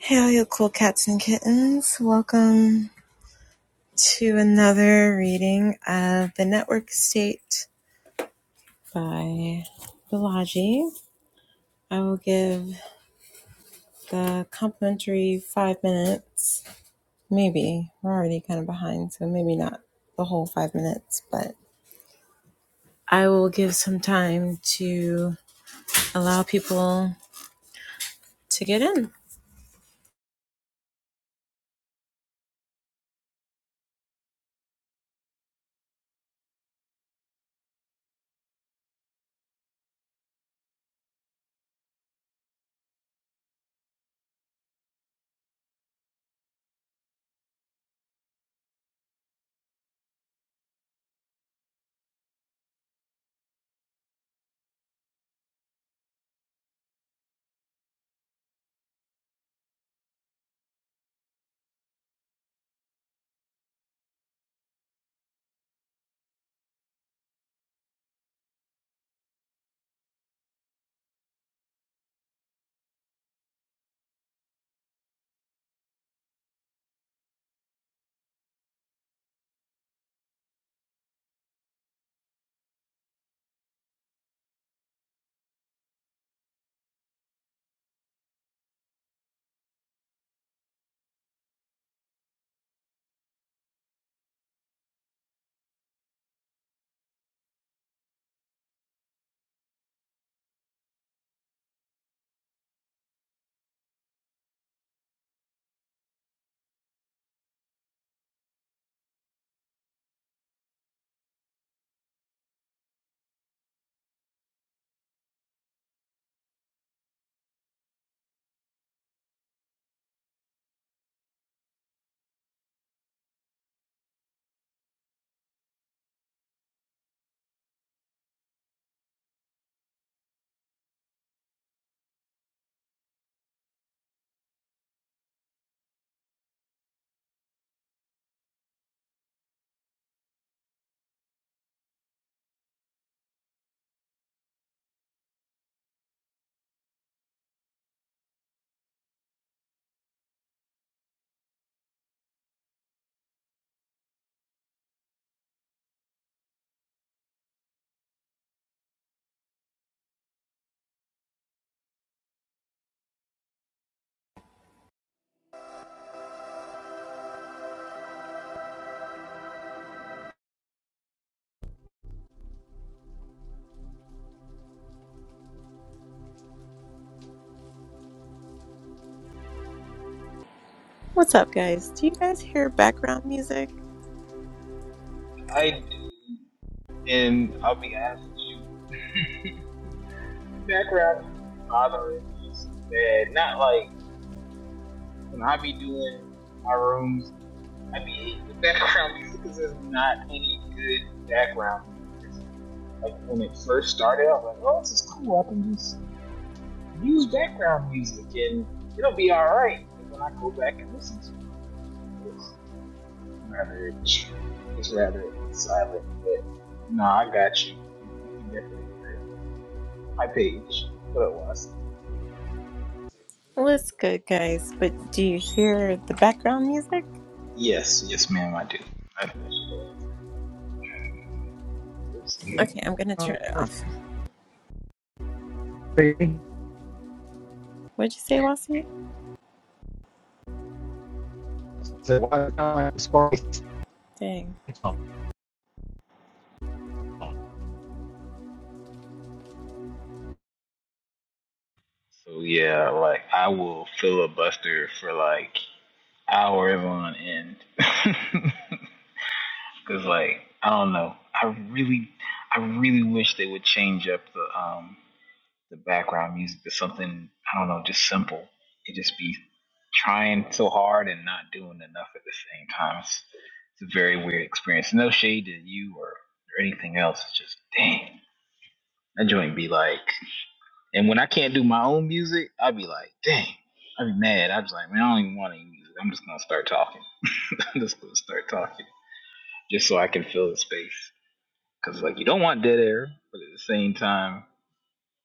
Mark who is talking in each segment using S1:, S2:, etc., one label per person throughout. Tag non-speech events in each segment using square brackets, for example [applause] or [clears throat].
S1: Hey, all you cool cats and kittens. Welcome to another reading of The Network State by Balaji. I will give the complimentary five minutes. Maybe. We're already kind of behind, so maybe not the whole five minutes, but I will give some time to allow people to get in. What's up, guys? Do you guys hear background music?
S2: I do, and I'll be honest with you, the background music be bothering me so bad. Not like when I be doing my rooms, I be hating the [laughs] background music because there's not any good background music. It's like when it first started, I was like, oh, this is cool. I can just use background music and it'll be all right. But when I go back and listen to it, I'd rather just rather it be silent. But no, nah, I got you. you. You can definitely hear it. my page. What it was?
S1: What's good, guys? But do you hear the background music?
S2: Yes, yes, ma'am, I do. I, I should have answered this
S1: Okay, I'm
S2: thing.
S1: gonna
S3: Can
S1: turn it off. What'd you say, Lawson? Dang.
S2: So yeah, like I will filibuster for like hours on end. [laughs] Cause like I don't know, I really, I really wish they would change up the um the background music to something I don't know, just simple. It just be trying so hard and not doing enough at the same time. It's, it's a very weird experience. No shade to you or, or anything else. It's just dang. That joint be like, and when I can't do my own music, i be like, dang, i be mad. i was like, man, I don't even want any music. I'm just gonna start talking. [laughs] I'm just gonna start talking, just so I can fill the space. Cause like you don't want dead air, but at the same time,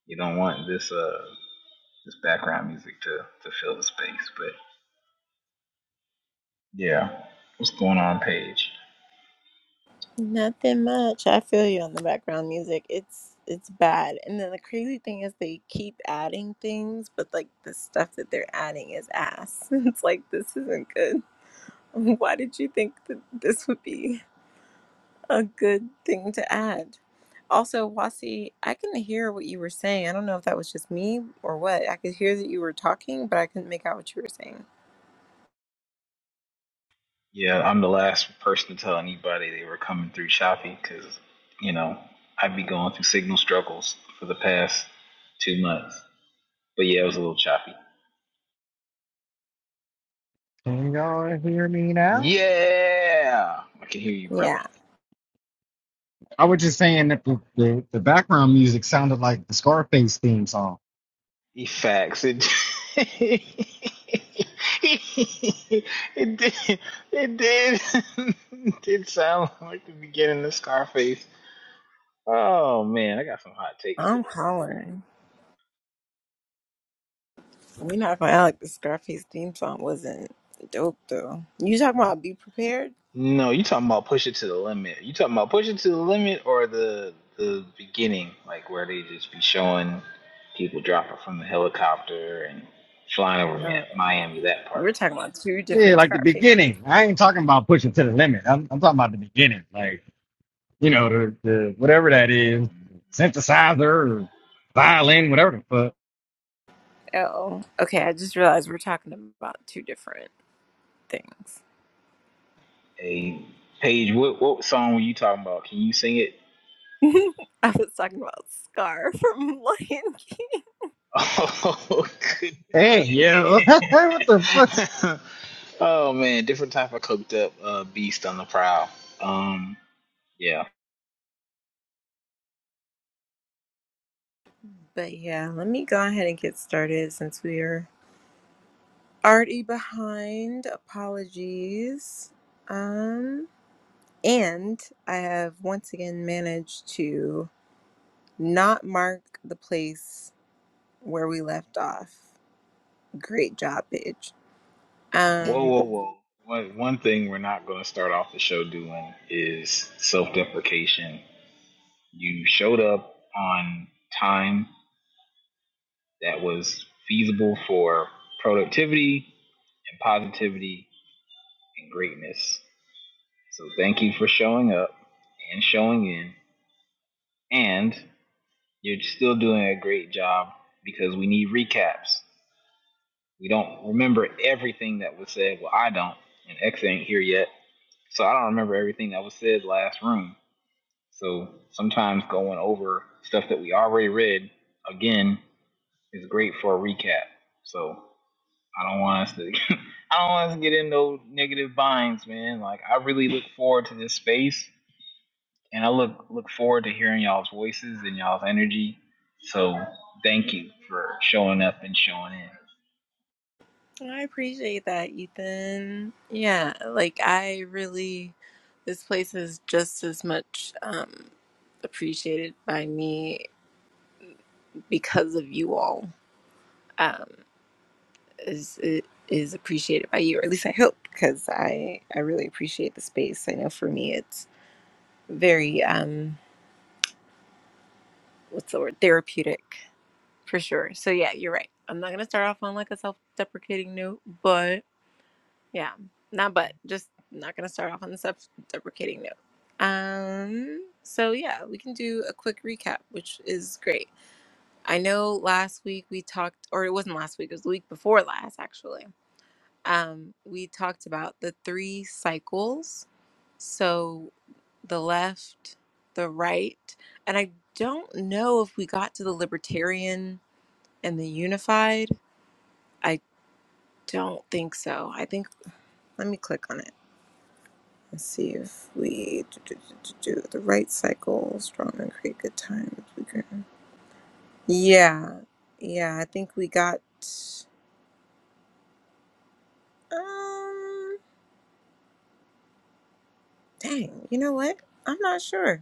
S2: you don't want this. Uh, just background music to to fill the space. But Yeah. what's going on, Paige?
S1: Nothing much. I feel you on the background music. It's it's bad. And then the crazy thing is they keep adding things, but like the stuff that they're adding is ass. [laughs] It's like this isn't good. [laughs] Why did you think that this would be a good thing to add? Also, Wasi, I couldn't hear what you were saying. I don't know if that was just me or what. I could hear that you were talking, but I couldn't make out what you were saying.
S2: Yeah, I'm the last person to tell anybody they were coming through Shopee because you know I'd be going through signal struggles for the past two months. But yeah, it was a little choppy.
S3: y'all hear me now?
S2: Yeah, I can hear you, brother.
S1: Yeah,
S3: I was just saying that the, the, the background music sounded like the Scarface theme song.
S2: He faxed it. [laughs] it did. It did. [laughs] it did sound like the beginning of Scarface. Oh man, I got some hot takes today.
S1: I'm hollering. We're not gonna act like the Scarface theme song wasn't dope though. You talking about be prepared?
S2: No, you talking about push it to the limit. You talking about push it to the limit or the the beginning, like where they just be showing people dropping from the helicopter and flying over Mi-
S1: Uh,
S2: Miami, that part.
S1: we're talking about two
S3: Yeah,
S1: different
S3: like the
S1: Scarfaces.
S3: beginning. I ain't talking about pushing to the limit. I'm, I'm talking about the beginning. Like, you know, the, the whatever that is, synthesizer or violin, whatever the fuck.
S1: Oh, okay. I just realized we're talking about two different things.
S2: Hey, Paige, what what song were you talking about? Can you sing it?
S1: [laughs] I was talking about Scar from [laughs] Lion King.
S2: [laughs] Oh goodness.
S3: Hey, yo, [laughs] what the fuck?
S2: [laughs] oh man, different type of coked up uh, beast on the prowl. Um, yeah.
S1: But yeah, let me go ahead and get started since we are Already behind. Apologies. Um, and I have once again managed to not mark the place where we left off. Great job, Paige.
S2: Whoa,
S1: Um,
S2: whoa, whoa. One, one thing we're not going to start off the show doing is self deprecation. You showed up on time that was feasible for productivity and positivity and greatness. So thank you for showing up and showing in. And you're still doing a great job because we need recaps. We don't remember everything that was said. Well, I don't. And X ain't here yet. So I don't remember everything that was said last room So sometimes going over stuff that we already read again is great for a recap. So I don't want us to [laughs] I don't want us to get in no negative binds, man. Like I really look forward to this space and I look look forward to hearing y'all's voices and y'all's energy. So thank you for showing up and showing in.
S1: I appreciate that, Ethan. Yeah, like I really, this place is just as much um, appreciated by me because of you all. Um, is is appreciated by you, or at least I hope, because I I really appreciate the space. I know for me, it's very um, what's the word, therapeutic for sure. So yeah, you're right. I'm not gonna start off on like a self-deprecating note, but yeah, not but just not gonna start off on the self-deprecating note. Um, so yeah, we can do a quick recap, which is great. I know last week we talked, or it wasn't last week, it was the week before last actually um, we talked about the three cycles. So the left, the right, and I don't know if we got to the libertarian and the unified. I don't think so. I think, let me click on it and see if we do, do, do, do, do the right cycle, strong and create good times. We can- Yeah, yeah, I think we got, um, dang, you know what? I'm not sure.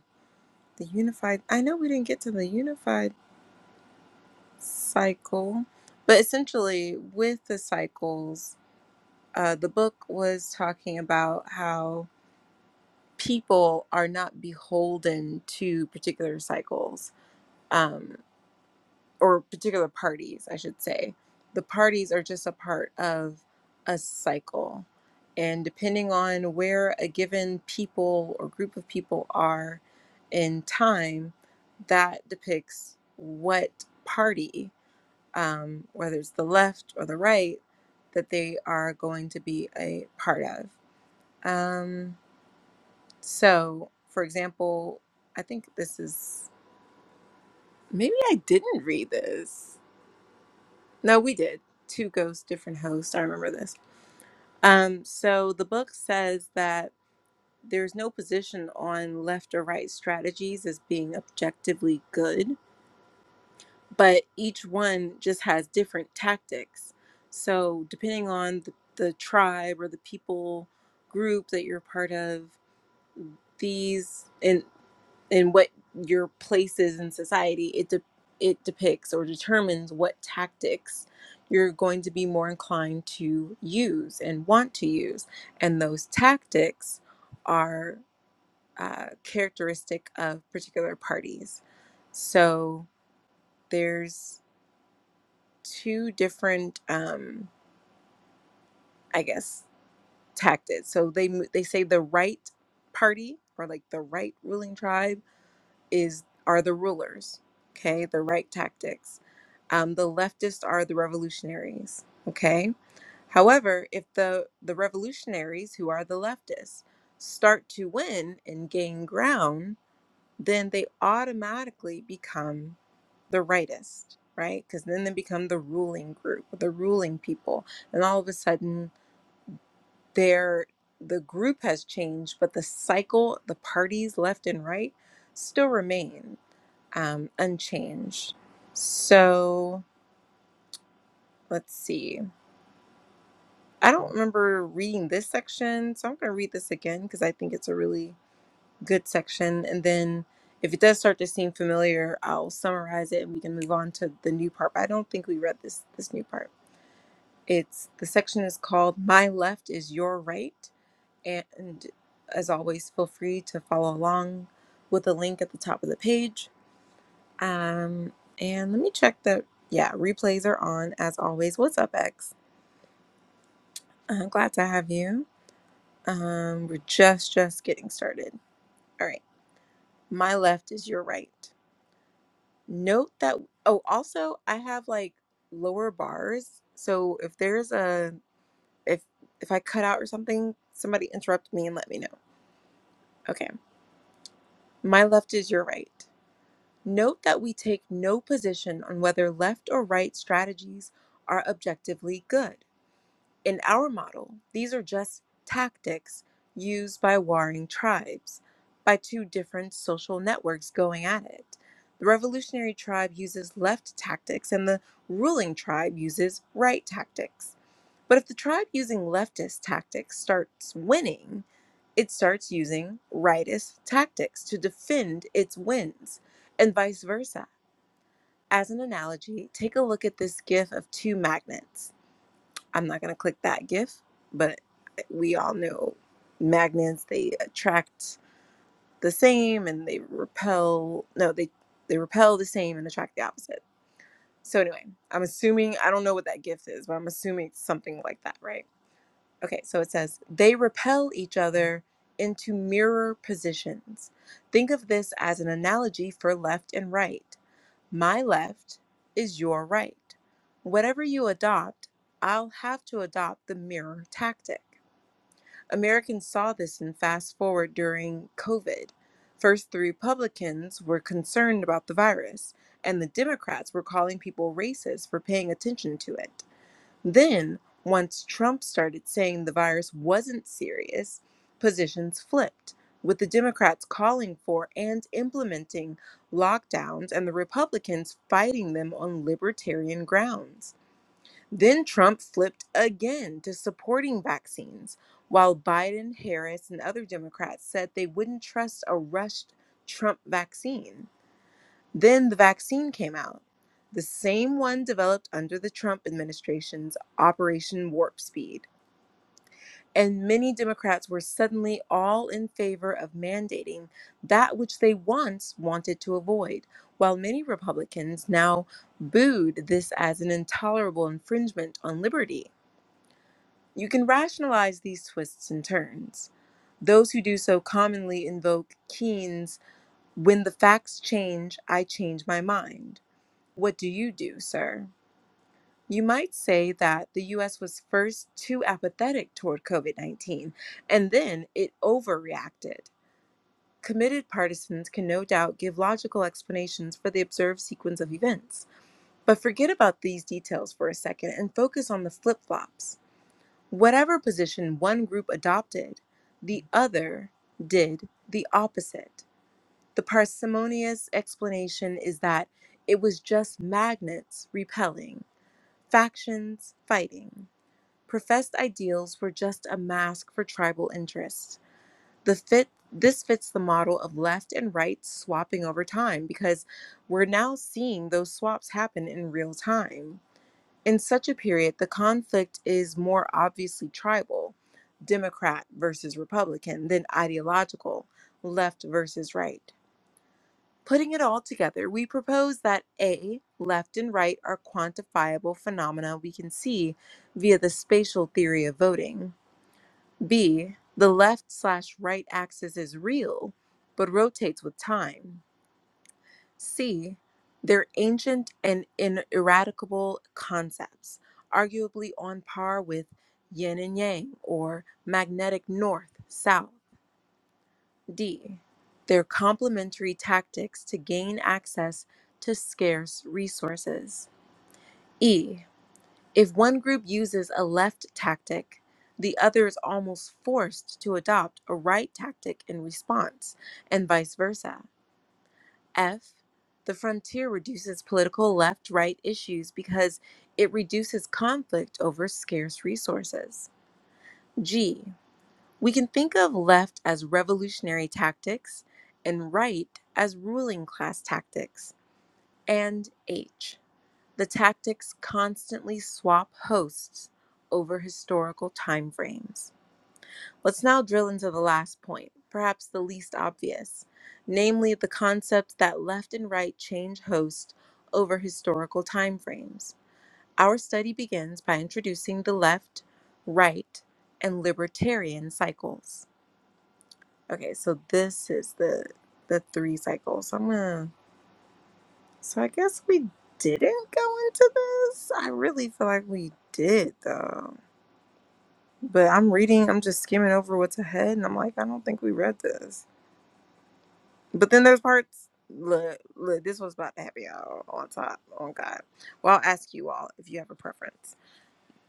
S1: the unified i know we didn't get to the unified cycle but essentially with the cycles uh, the book was talking about how people are not beholden to particular cycles Um, or particular parties, I should say. The parties are just a part of a cycle. And depending on where a given people or group of people are in time, that depicts what party, um, whether it's the left or the right, that they are going to be a part of. Um, so, for example, I think this is maybe I didn't read this. No, we did. Two ghosts, different hosts. I remember this. Um, so the book says that there's no position on left or right strategies as being objectively good, but each one just has different tactics. So depending on the, the tribe or the people group that you're part of, these, and and what your place is in society it de- it depicts or determines what tactics you're going to be more inclined to use and want to use and those tactics are uh, characteristic of particular parties so there's two different um, i guess tactics so they mo- they say the right party or like the right ruling tribe is are the rulers okay the right tactics um, the leftists are the revolutionaries okay however if the the revolutionaries who are the leftists start to win and gain ground then they automatically become the rightist right because then they become the ruling group the ruling people and all of a sudden they're the group has changed but the cycle the parties left and right still remain um, unchanged. So let's see. I don't remember reading this section, so I'm going to read this again because I think it's a really good section. And then if it does start to seem familiar, I'll summarize it and we can move on to the new part. But I don't think we read this this new part. It's the section is called "My Left Is Your Right," and as always, feel free to follow along with the link at the top of the page. Um, and let me check the, yeah, replays are on as always. What's up, X? I'm glad to have you. Um, we're just, just getting started. All right. My left is your right. Note that, oh, also I have like lower bars. So if there's a, if, if I cut out or something, somebody interrupt me and let me know. Okay. My left is your right. Note that we take no position on whether left or right strategies are objectively good. In our model, these are just tactics used by warring tribes, by two different social networks going at it. The revolutionary tribe uses left tactics and the ruling tribe uses right tactics. But if the tribe using leftist tactics starts winning, it starts using rightist tactics to defend its wins, and vice versa. As an analogy, take a look at this gif of two magnets. I'm not going to click that GIF, but eh, we all know magnets, they attract the same and they repel, no, they, they repel the same and attract the opposite. So, anyway, I'm assuming, I don't know what that GIF is, but I'm assuming it's something like that, right? Okay, so it says they repel each other into mirror positions. Think of this as an analogy for left and right. My left is your right. Whatever you adopt, I'll have to adopt the mirror tactic. Americans saw this in fast forward during COVID. First, the Republicans were concerned about the virus, and the Democrats were calling people racist for paying attention to it. Then, once Trump started saying the virus wasn't serious, positions flipped, with the Democrats calling for and implementing lockdowns and the Republicans fighting them on libertarian grounds. Then Trump flipped again to supporting vaccines, while Biden, Harris, and other Democrats said they wouldn't trust a rushed Trump vaccine. Then the vaccine came out, the same one developed under the Trump administration's Operation Warp Speed. And many Democrats were suddenly all in favor of mandating that which they once wanted to avoid, while many Republicans now booed this as an intolerable infringement on liberty. You can rationalize these twists and turns. Those who do so commonly invoke Keynes when the facts change, I change my mind what do you do, sir? You might say that the US was first too apathetic toward COVID 19, and then it overreacted. Committed partisans can no doubt give logical explanations for the observed sequence of events. But forget about these details for a second and focus on the flip flops. Whatever position one group adopted, the other did the opposite. The parsimonious explanation is that it was just magnets repelling. Factions, fighting, professed ideals were just a mask for tribal interests. The fit this fits the model of left and right swapping over time because we're now seeing those swaps happen in real time. In such a period, the conflict is more obviously tribal, Democrat versus Republican, than ideological, left versus right. Putting it all together, we propose that A, left and right are quantifiable phenomena we can see via the spatial theory of voting. B, the left slash right axis is real, but rotates with time. C, they're ancient and ineradicable concepts, arguably on par with yin and yang or magnetic north, south. D. Their complementary tactics to gain access to scarce resources. E. If one group uses a left tactic, the other is almost forced to adopt a right tactic in response, and vice versa. F. The frontier reduces political left right issues because it reduces conflict over scarce resources. G. We can think of left as revolutionary tactics and right as ruling class tactics, and H. The tactics constantly swap hosts over historical timeframes. Let's now drill into the last point, perhaps the least obvious, namely the concept that left and right change host over historical timeframes. Our study begins by introducing the left, right, and libertarian cycles. Okay, so this is the the three cycles. I'm gonna. So I guess we didn't go into this. I really feel like we did though. But I'm reading. I'm just skimming over what's ahead, and I'm like, I don't think we read this. But then there's parts. Look, look. This was about to happen, y'all. On top, on God. Well, I'll ask you all if you have a preference.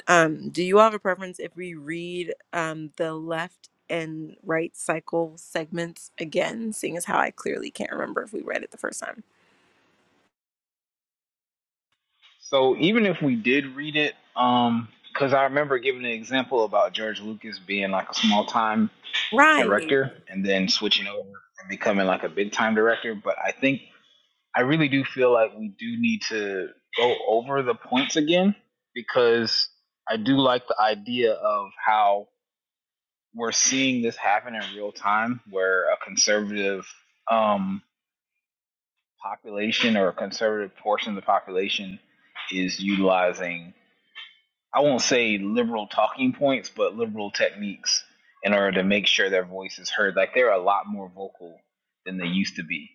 S1: Um, do you have a preference if we read um, the left and right cycle segments again, seeing as how I clearly can't remember if we read it the first time?
S2: So even if we did read it, um, because I remember giving an example about George Lucas being like a small time
S1: Right.
S2: director and then switching over and becoming like a big time director. But I think I really do feel like we do need to go over the points again because I do like the idea of how we're seeing this happen in real time where a conservative um, population or a conservative portion of the population is utilizing I won't say liberal talking points, but liberal techniques in order to make sure their voice is heard. Like they're a lot more vocal than they used to be.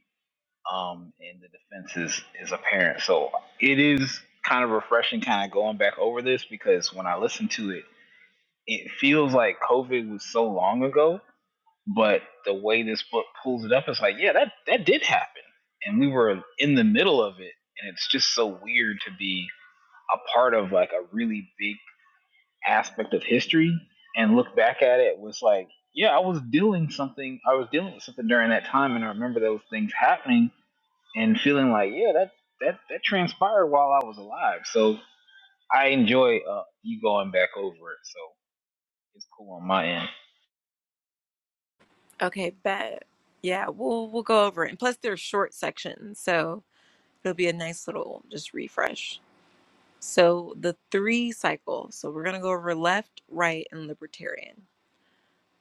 S2: Um, and the defense is, is apparent. So it is kind of refreshing kind of going back over this because when I listen to it, it feels like COVID was so long ago, but the way this book pulls it up it's like, yeah, that, that did happen. And we were in the middle of it. And it's just so weird to be a part of like a really big aspect of history and look back at it was like, yeah, I was dealing something. I was dealing with something during that time, and I remember those things happening and feeling like, yeah, that that that transpired while I was alive. So I enjoy uh, you going back over it. So it's cool on my end.
S1: Okay, bet. Yeah, we'll we'll go over it. And plus they're short sections, so it'll be a nice little just refresh. So the three cycle. So we're gonna go over left, right, and libertarian.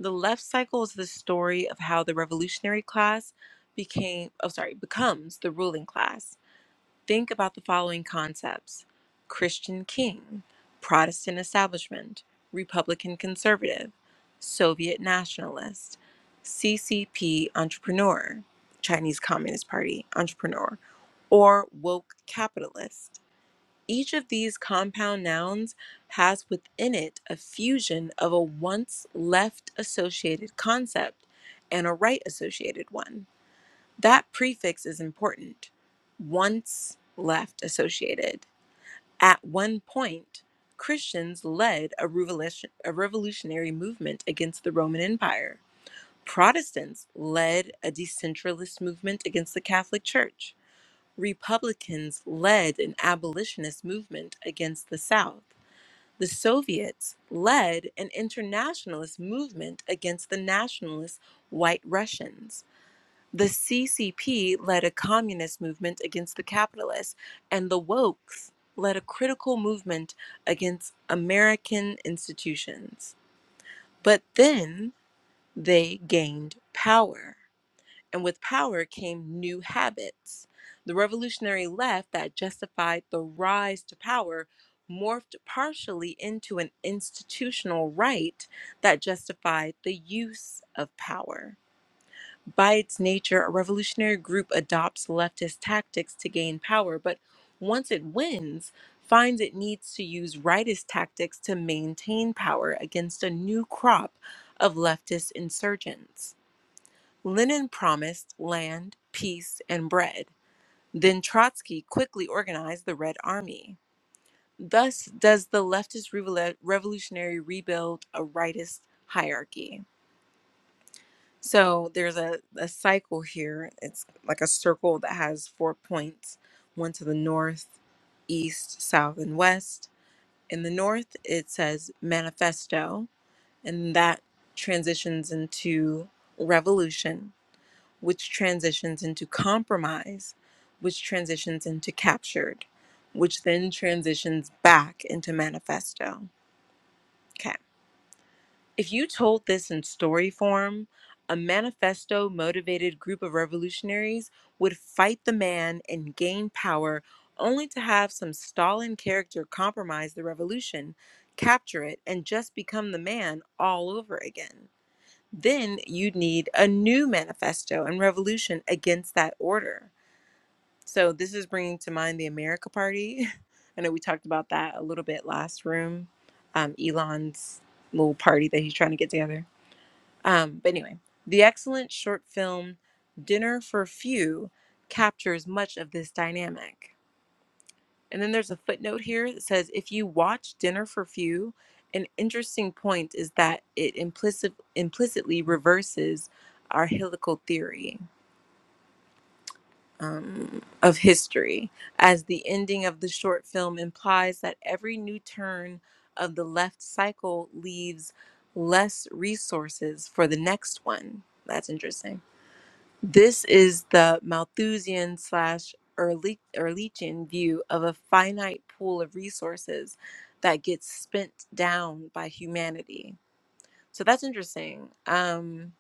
S1: The left cycle is the story of how the revolutionary class became oh sorry, becomes the ruling class Think about the following concepts Christian king, Protestant establishment, Republican conservative, Soviet nationalist, CCP entrepreneur, Chinese Communist Party entrepreneur, or woke capitalist. Each of these compound nouns has within it a fusion of a once left associated concept and a right associated one. That prefix is important. Once left associated. At one point, Christians led a, revolution, a revolutionary movement against the Roman Empire. Protestants led a decentralist movement against the Catholic Church. Republicans led an abolitionist movement against the South. The Soviets led an internationalist movement against the nationalist White Russians the CCP led a communist movement against the capitalists, and the Wokes led a critical movement against American institutions. But then they gained power, and with power came new habits. The revolutionary left that justified the rise to power morphed partially into an institutional right that justified the use of power. By its nature, a revolutionary group adopts leftist tactics to gain power, but once it wins, finds it needs to use rightist tactics to maintain power against a new crop of leftist insurgents. Lenin promised land, peace, and bread. Then Trotsky quickly organized the Red Army. Thus, does the leftist revol- revolutionary rebuild a rightist hierarchy. So there's a, a cycle here. It's like a circle that has four points one to the north, east, south, and west. In the north, it says manifesto, and that transitions into revolution, which transitions into compromise, which transitions into captured, which then transitions back into manifesto. Okay. If you told this in story form, a manifesto motivated group of revolutionaries would fight the man and gain power only to have some Stalin character compromise the revolution, capture it, and just become the man all over again. Then you'd need a new manifesto and revolution against that order. So, this is bringing to mind the America Party. [laughs] I know we talked about that a little bit last room, um, Elon's little party that he's trying to get together. Um, but anyway, the excellent short film Dinner for Few captures much of this dynamic. And then there's a footnote here that says if you watch Dinner for Few, an interesting point is that it implicit, implicitly reverses our helical theory um, of history, as the ending of the short film implies that every new turn of the left cycle leaves less resources for the next one. That's interesting. This is the Malthusian slash Ehrlich- Ehrlichian view of a finite pool of resources that gets spent down by humanity. So that's interesting. Um,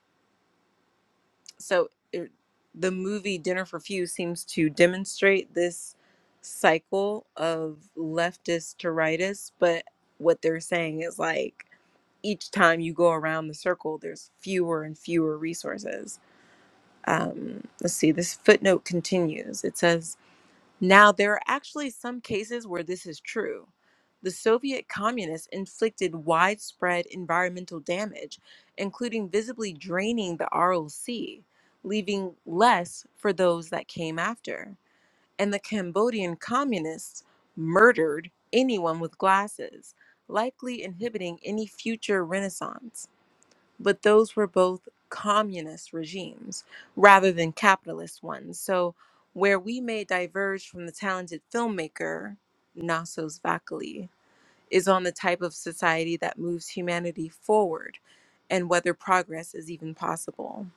S1: so it, the movie Dinner for Few seems to demonstrate this cycle of leftist to rightist, but what they're saying is like each time you go around the circle, there's fewer and fewer resources um, let's see, this footnote continues. It says, Now there are actually some cases where this is true. The Soviet communists inflicted widespread environmental damage, including visibly draining the Aral Sea, leaving less for those that came after. And the Cambodian communists murdered anyone with glasses, likely inhibiting any future renaissance but those were both communist regimes rather than capitalist ones. So, where we may diverge from the talented filmmaker Nasos Vakali is on the type of society that moves humanity forward and whether progress is even possible.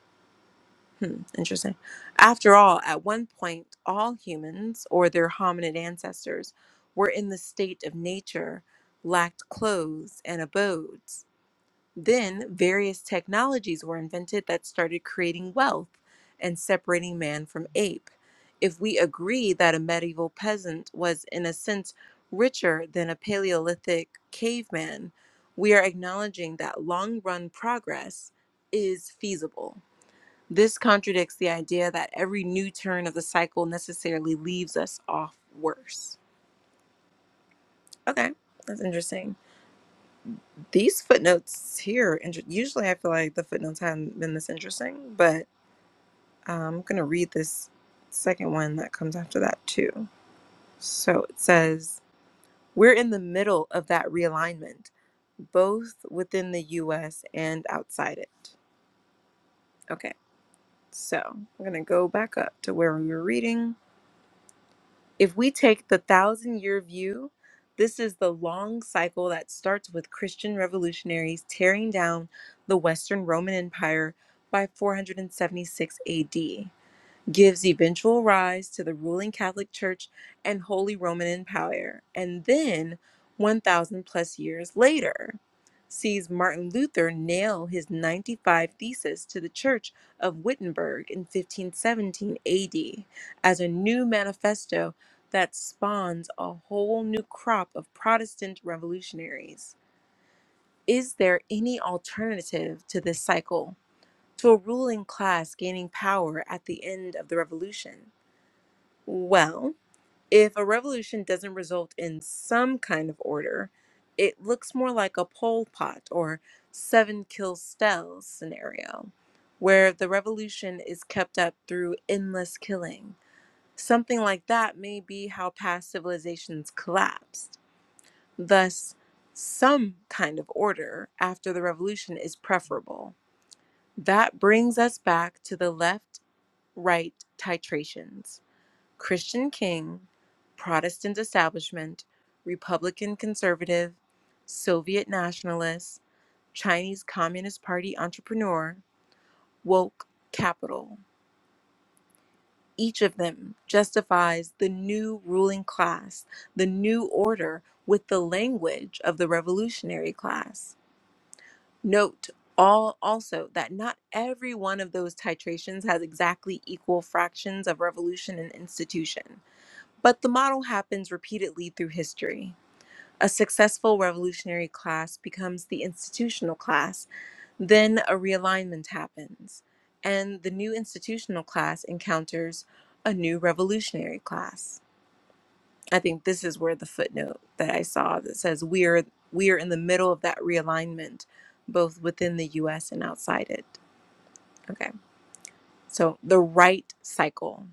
S1: Hmm, interesting. After all, at one point, all humans or their hominid ancestors were in the state of nature, lacked clothes and abodes then various technologies were invented that started creating wealth and separating man from ape. If we agree that a medieval peasant was, in a sense, richer than a Paleolithic caveman, we are acknowledging that long run progress is feasible. This contradicts the idea that every new turn of the cycle necessarily leaves us off worse. Okay, that's interesting. These footnotes here, inter- usually I feel like the footnotes haven't been this interesting, but um, I'm going to read this second one that comes after that too. So it says, We're in the middle of that realignment, both within the US and outside it. Okay, so I'm going to go back up to where we were reading. If we take the thousand year view, this is the long cycle that starts with Christian revolutionaries tearing down the Western Roman Empire by 476 AD gives eventual rise to the ruling Catholic Church and Holy Roman Empire, and then 1,000 plus years later sees Martin Luther nail his 95 Theses to the Church of Wittenberg in 1517 AD as a new manifesto that spawns a whole new crop of Protestant revolutionaries. Is there any alternative to this cycle, to a ruling class gaining power at the end of the revolution? Well, if a revolution doesn't result in some kind of order, it looks more like a Pol Pot or seven kill Stell scenario, where the revolution is kept up through endless killing. Something like that may be how past civilizations collapsed. Thus, some kind of order after the revolution is preferable. That brings us back to the left right titrations. Christian King, Protestant establishment, Republican conservative, Soviet nationalist, Chinese Communist Party entrepreneur, woke capital. Each of them justifies the new ruling class, the new order with the language of the revolutionary class. Note all also that not every one of those titrations has exactly equal fractions of revolution and institution. But the model happens repeatedly through history. A successful revolutionary class becomes the institutional class, then a realignment happens, and the new institutional class encounters a new revolutionary class. I think this is where the footnote that I saw that says we are we are in the middle of that realignment, both within the US and outside it. Okay. So the right cycle.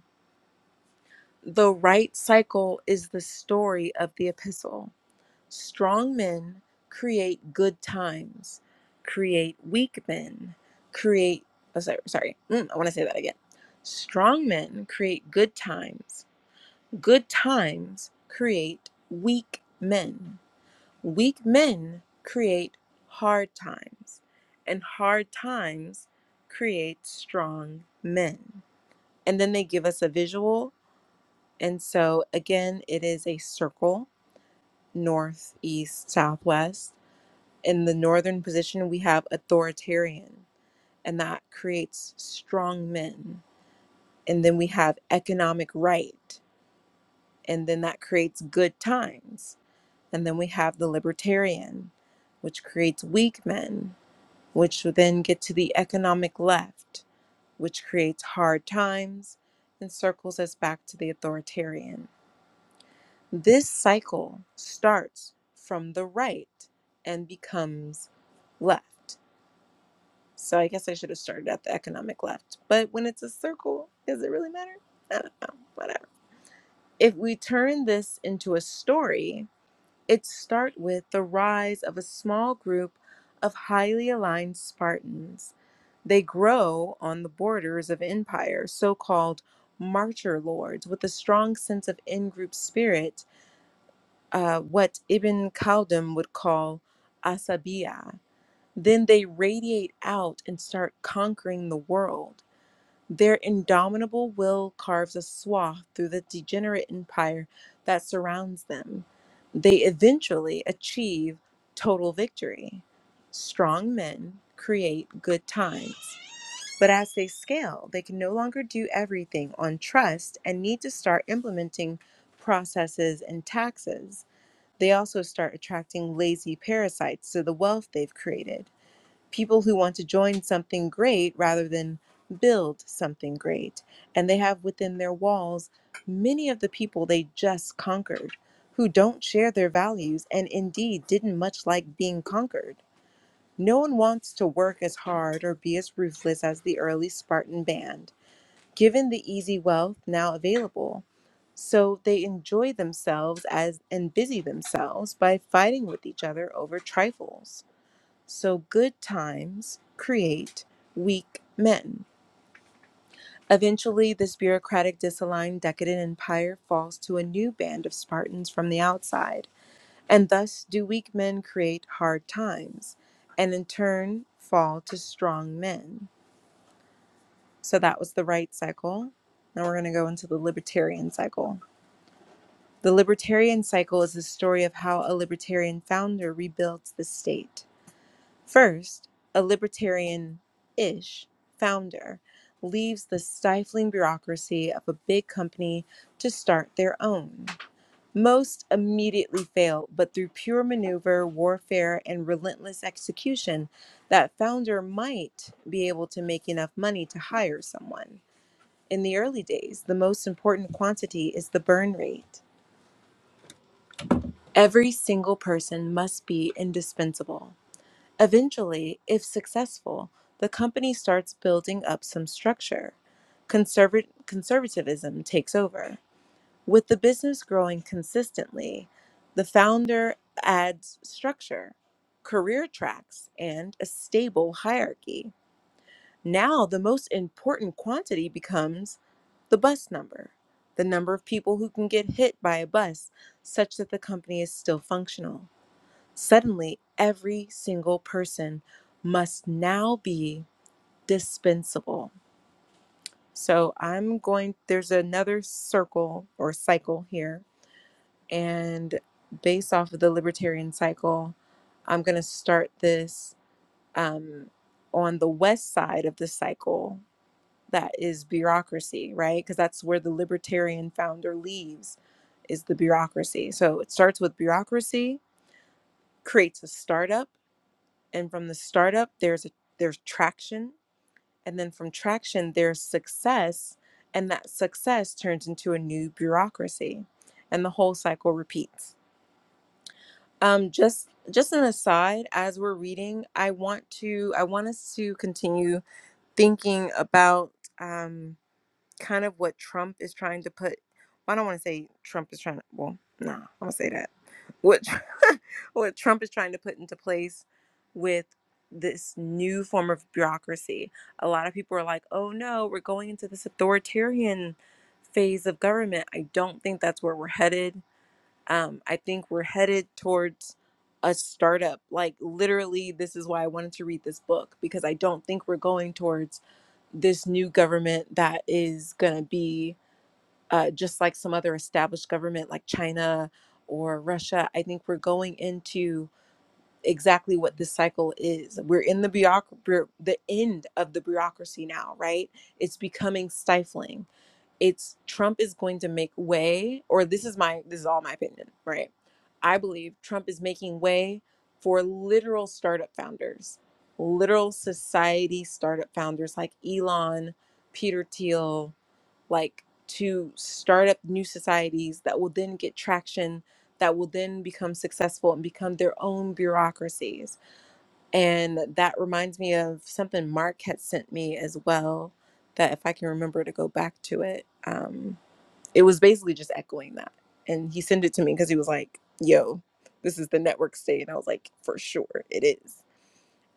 S1: The right cycle is the story of the epistle. Strong men create good times, create weak men, create. Oh, sorry, sorry. Mm, I want to say that again. Strong men create good times, good times create weak men, weak men create hard times, and hard times create strong men. And then they give us a visual. And so, again, it is a circle north, east, southwest in the northern position, we have authoritarian, and that creates strong men. And then we have economic right, and then that creates good times. And then we have the libertarian, which creates weak men, which would then get to the economic left, which creates hard times and circles us back to the authoritarian. This cycle starts from the right and becomes left. So I guess I should have started at the economic left. But when it's a circle, does it really matter? I don't know. Whatever. If we turn this into a story, it starts with the rise of a small group of highly aligned Spartans. They grow on the borders of empire, so-called martyr lords, with a strong sense of in-group spirit, uh, what Ibn Khaldun would call asabiya. Then they radiate out and start conquering the world their indomitable will carves a swath through the degenerate empire that surrounds them. They eventually achieve total victory. Strong men create good times, but as they scale, they can no longer do everything on trust and need to start implementing processes and taxes. They also start attracting lazy parasites to the wealth they've created people who want to join something great rather than build something great. And they have within their walls many of the people they just conquered who don't share their values and indeed didn't much like being conquered. No one wants to work as hard or be as ruthless as the early Spartan band, given the easy wealth now available. So they enjoy themselves as and busy themselves by fighting with each other over trifles. So good times create weak men. Eventually, this bureaucratic, disaligned, decadent empire falls to a new band of Spartans from the outside. And thus do weak men create hard times, and in turn fall to strong men. So that was the right cycle. Now we're going to go into the libertarian cycle. The libertarian cycle is the story of how a libertarian founder rebuilds the state. First, a libertarian ish founder leaves the stifling bureaucracy of a big company to start their own. Most immediately fail, but through pure maneuver, warfare, and relentless execution, that founder might be able to make enough money to hire someone. In the early days, the most important quantity is the burn rate. Every single person must be indispensable. Eventually, if successful, the company starts building up some structure. Conserva- conservatism takes over. With the business growing consistently, the founder adds structure, career tracks, and a stable hierarchy. Now, the most important quantity becomes the bus number, the number of people who can get hit by a bus, such that the company is still functional. Suddenly, every single person must now be dispensable. So I'm going, there's another circle or cycle here. And based off of the libertarian cycle, I'm going to start this um, on the west side of the cycle that is bureaucracy, right? Because that's where the libertarian founder leaves is the bureaucracy. So it starts with bureaucracy, creates a startup and from the startup there's a there's traction and then from traction there's success and that success turns into a new bureaucracy and the whole cycle repeats um just just an aside as we're reading i want to i want us to continue thinking about um kind of what Trump is trying to put. well, I don't want to say Trump is trying to. Well, no, I'm gonna say that. What [laughs] what Trump is trying to put into place with this new form of bureaucracy. A lot of people are like, "Oh no, we're going into this authoritarian phase of government." I don't think that's where we're headed um, I think we're headed towards a startup. Like, literally, this is why I wanted to read this book because I don't think we're going towards this new government that is going to be uh, just like some other established government like China or Russia. I think we're going into exactly what this cycle is. We're in the bureauc- bureau- the end of the bureaucracy now, right? It's becoming stifling it's Trump is going to make way, or this is my this is all my opinion, right? I believe Trump is making way for literal startup founders, literal society startup founders like Elon, Peter Thiel, like to start up new societies that will then get traction, that will then become successful and become their own bureaucracies. And that reminds me of something Mark had sent me as well, that if I can remember to go back to it. Um, it was basically just echoing that. And he sent it to me because he was like, yo, this is the network state. And I was like, for sure, it is.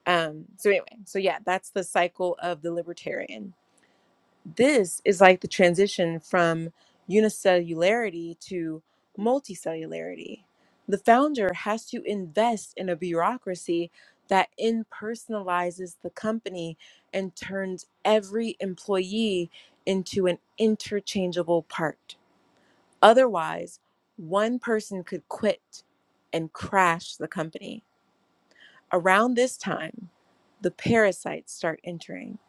S1: Um, so anyway, so yeah, that's the cycle of the libertarian. This is like the transition from unicellularity to multicellularity. The founder has to invest in a bureaucracy that impersonalizes the company and turns every employee into an interchangeable part Otherwise, one person could quit and crash the company. Around this time, the parasites start entering.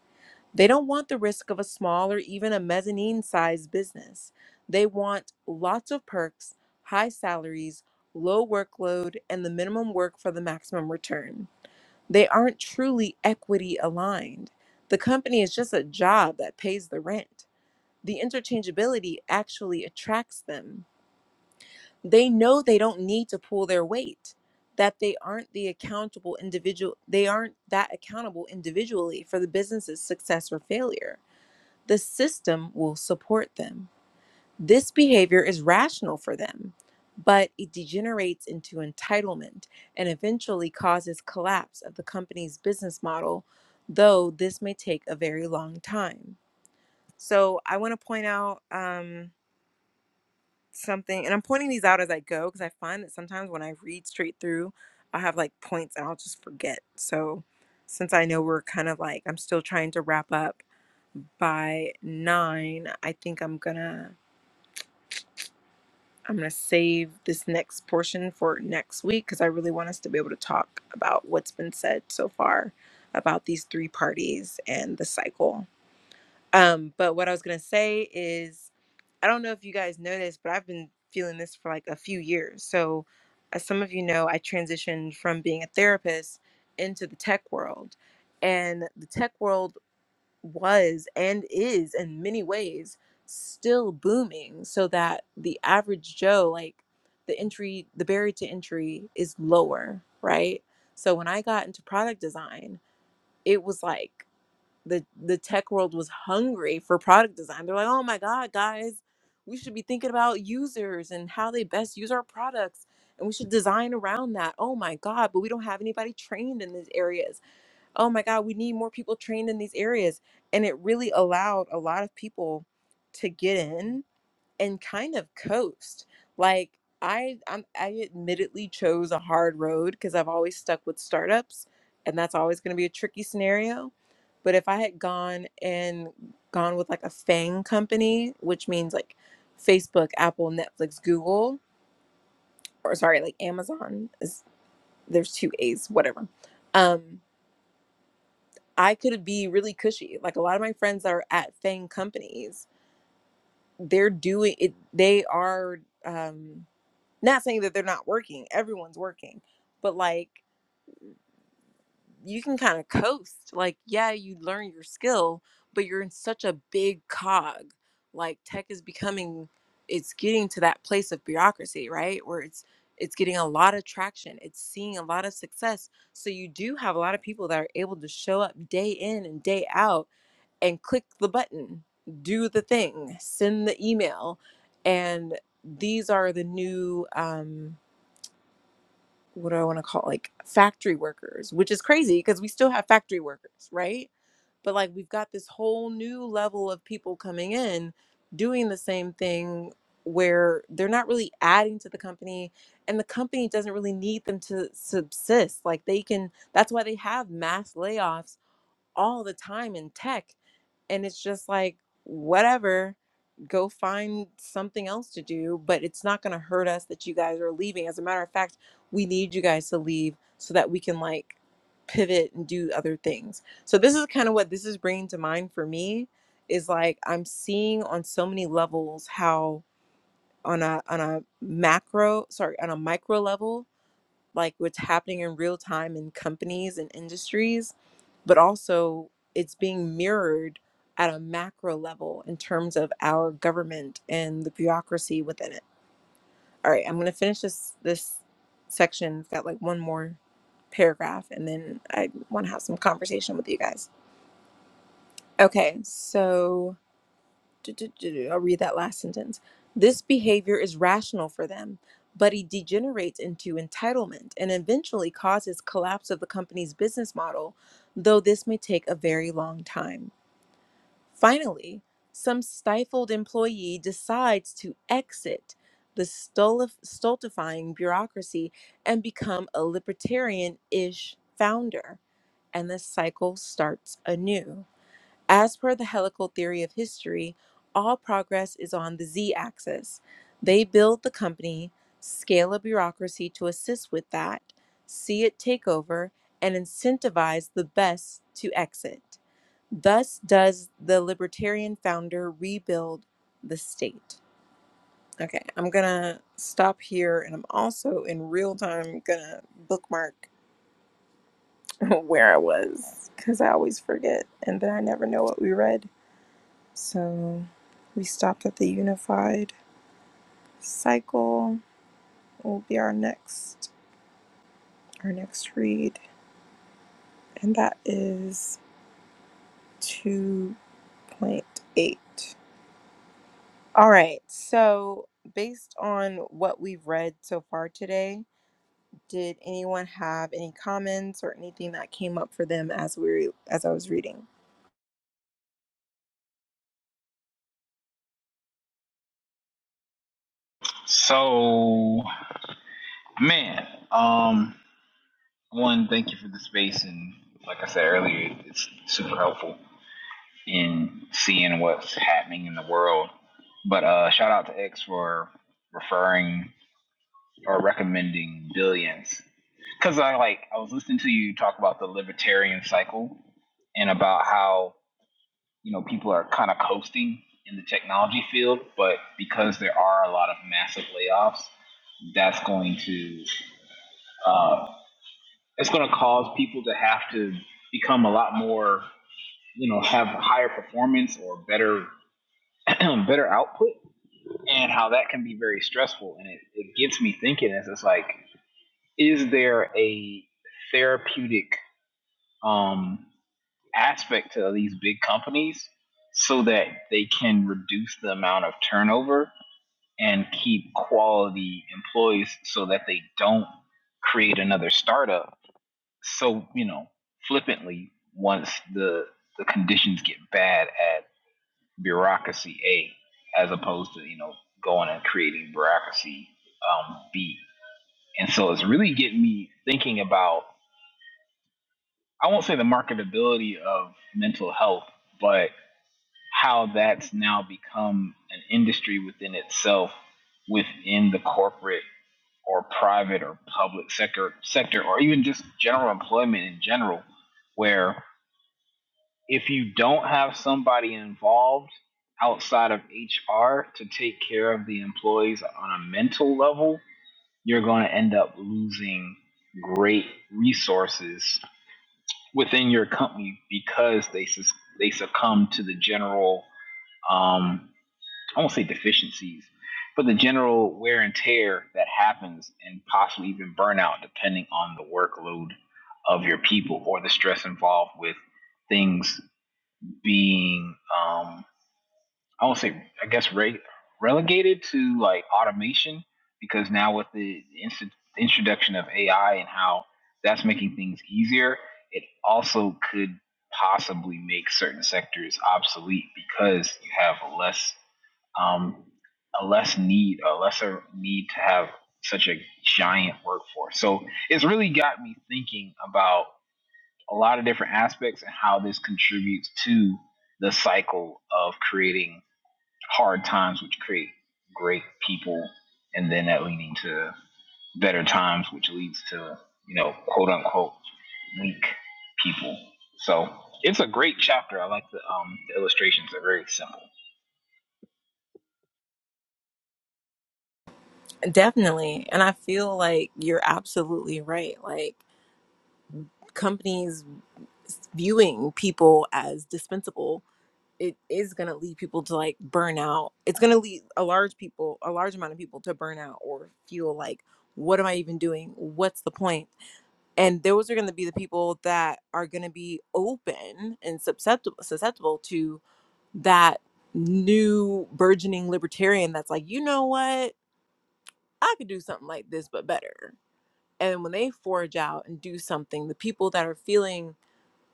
S1: They don't want the risk of a small or even a mezzanine sized business. They want lots of perks, high salaries, low workload, and the minimum work for the maximum return. They aren't truly equity aligned. The company is just a job that pays the rent. The interchangeability actually attracts them they know they don't need to pull their weight that they aren't the accountable individual they aren't that accountable individually for the business's success or failure the system will support them this behavior is rational for them but it degenerates into entitlement and eventually causes collapse of the company's business model though this may take a very long time so i want to point out um, something and i'm pointing these out as i go because i find that sometimes when i read straight through i'll have like points and i'll just forget so since i know we're kind of like i'm still trying to wrap up by nine i think i'm gonna i'm gonna save this next portion for next week because i really want us to be able to talk about what's been said so far about these three parties and the cycle Um, but what I was gonna say is, I don't know if you guys know this, but I've been feeling this for like a few years. So, as some of you know, I transitioned from being a therapist into the tech world, and the tech world was and is in many ways still booming. So that the average Joe, like the entry, the barrier to entry is lower, right? So when I got into product design, it was like the the tech world was hungry for product design. They're like, "Oh my god, guys, we should be thinking about users and how they best use our products." And we should design around that. Oh my God, but we don't have anybody trained in these areas. Oh my God, we need more people trained in these areas. And it really allowed a lot of people to get in and kind of coast. Like I I'm, I admittedly chose a hard road because I've always stuck with startups and that's always going to be a tricky scenario. But if I had gone and gone with like a fang company, which means like Facebook, Apple, Netflix, Google, or sorry, like Amazon is there's two A's, whatever. Um I could be really cushy. Like a lot of my friends that are at fang companies, they're doing it they are um Not saying that they're not working, everyone's working, but like you can kind of coast. Like, yeah, you learn your skill, but you're in such a big cog. Like tech is becoming it's getting to that place of bureaucracy, right? Where it's it's getting a lot of traction. It's seeing a lot of success. So you do have a lot of people that are able to show up day in and day out and click the button, do the thing, send the email. And these are the new um, what do I want to call it? like factory workers, which is crazy because we still have factory workers, right? But like we've got this whole new level of people coming in doing the same thing where they're not really adding to the company and the company doesn't really need them to subsist. Like they can that's why they have mass layoffs all the time in tech and it's just like whatever go find something else to do but it's not going to hurt us that you guys are leaving as a matter of fact we need you guys to leave so that we can like pivot and do other things so this is kind of what this is bringing to mind for me is like i'm seeing on so many levels how on a on a macro sorry on a micro level like what's happening in real time in companies and industries, but also it's being mirrored at a macro level in terms of our government and the bureaucracy within it. All right, I'm gonna finish this this section. It's got like one more paragraph, and then I want to have some conversation with you guys. Okay, so I'll read that last sentence. This behavior is rational for them, but it degenerates into entitlement and eventually causes collapse of the company's business model, though this may take a very long time. Finally, some stifled employee decides to exit the stultif- stultifying bureaucracy and become a libertarian ish founder, and the cycle starts anew. As per the helical theory of history, all progress is on the z axis. They build the company, scale a bureaucracy to assist with that, see it take over, and incentivize the best to exit. Thus does the libertarian founder rebuild the state. Okay, I'm gonna stop here and I'm also in real time gonna bookmark [laughs] where I was because I always forget and then I never know what we read. So we stopped at the unified cycle. Will be our next our next read, and that is two point eight. All right. So based on what we've read so far today, did anyone have any comments or anything that came up for them as we as I was reading?
S2: So man, um, one, thank you for the space, and like I said earlier, it's super helpful. in seeing what's happening in the world. But uh, shout out to X for referring or recommending Billions because I like I was listening to you talk about the libertarian cycle and about how you know people are kind of coasting in the technology field, but because there are a lot of massive layoffs, that's going to uh, it's going to cause people to have to become a lot more you know have higher performance or better [clears throat] better output and how that can be very stressful. And it, it gets me thinking as it's like, is there a therapeutic um, aspect to these big companies so that they can reduce the amount of turnover and keep quality employees so that they don't create another startup so you know flippantly once the the conditions get bad at bureaucracy A, as opposed to you know going and creating bureaucracy um, B. And so it's really getting me thinking about I won't say the marketability of mental health, but how that's now become an industry within itself, within the corporate or private or public sector sector, or even just general employment in general, where. if you don't have somebody involved outside of HR to take care of the employees on a mental level, you're going to end up losing great resources within your company because they sus- they succumb to the general um, I won't say deficiencies, but the general wear and tear that happens and possibly even burnout depending on the workload of your people or the stress involved with things being um I won't say I guess re- relegated to like automation because now with the inst- introduction of AI and how that's making things easier, it also could possibly make certain sectors obsolete because you have a less um a less need a lesser need to have such a giant workforce. So it's really got me thinking about a lot of different aspects and how this contributes to the cycle of creating hard times, which create great people, and then that leading to better times, which leads to, you know, quote unquote weak people. So it's a great chapter. I like the um the illustrations are very simple.
S1: Definitely. And I feel like you're absolutely right. Like companies viewing people as dispensable it is going to lead people to like burn out it's going to lead a large people a large amount of people to burn out or feel like what am i even doing what's the point point? and those are going to be the people that are going to be open and susceptible susceptible to that new burgeoning libertarian that's like you know what i could do something like this but better and when they forge out and do something the people that are feeling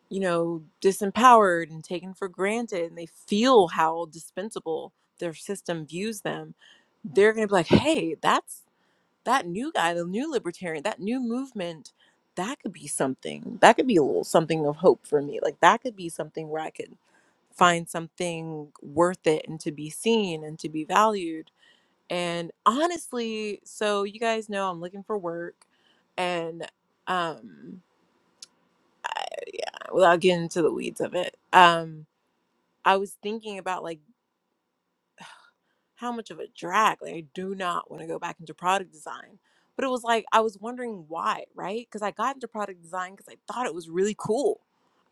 S1: you know, disempowered and taken for granted and they feel how dispensable their system views them, they're going to be like, hey, that's that new guy, the new libertarian, that new movement, that could be something. That could be a little something of hope for me. Like, that could be something where I could find something worth it and to be seen and to be valued. And honestly, so you guys know I'm looking for work and um without getting into the weeds of it. Um I was thinking about like how much of a drag. Like I do not want to go back into product design. But it was like I was wondering why, right? Because I got into product design because I thought it was really cool.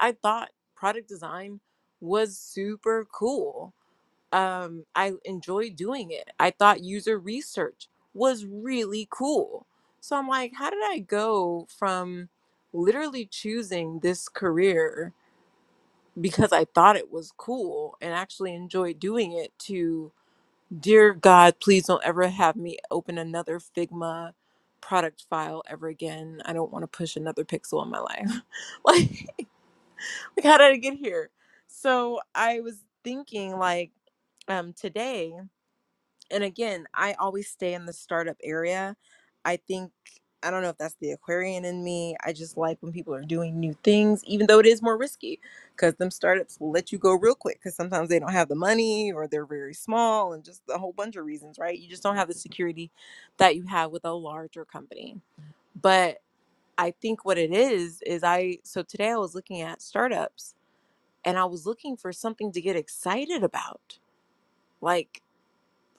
S1: I thought product design was super cool. Um, I enjoyed doing it. I thought user research was really cool. So I'm like, how did I go from literally choosing this career because I thought it was cool and actually enjoyed doing it to Dear God, please don't ever have me open another Figma product file ever again. I don't want to push another pixel in my life. [laughs] like, like how did I get here? So I was thinking like um today and again, I always stay in the startup area. I think I don't know if that's the Aquarian in me. I just like when people are doing new things, even though it is more risky, because them startups will let you go real quick. Because sometimes they don't have the money, or they're very small, and just a whole bunch of reasons, right? You just don't have the security that you have with a larger company. But I think what it is is I. So today I was looking at startups, and I was looking for something to get excited about, like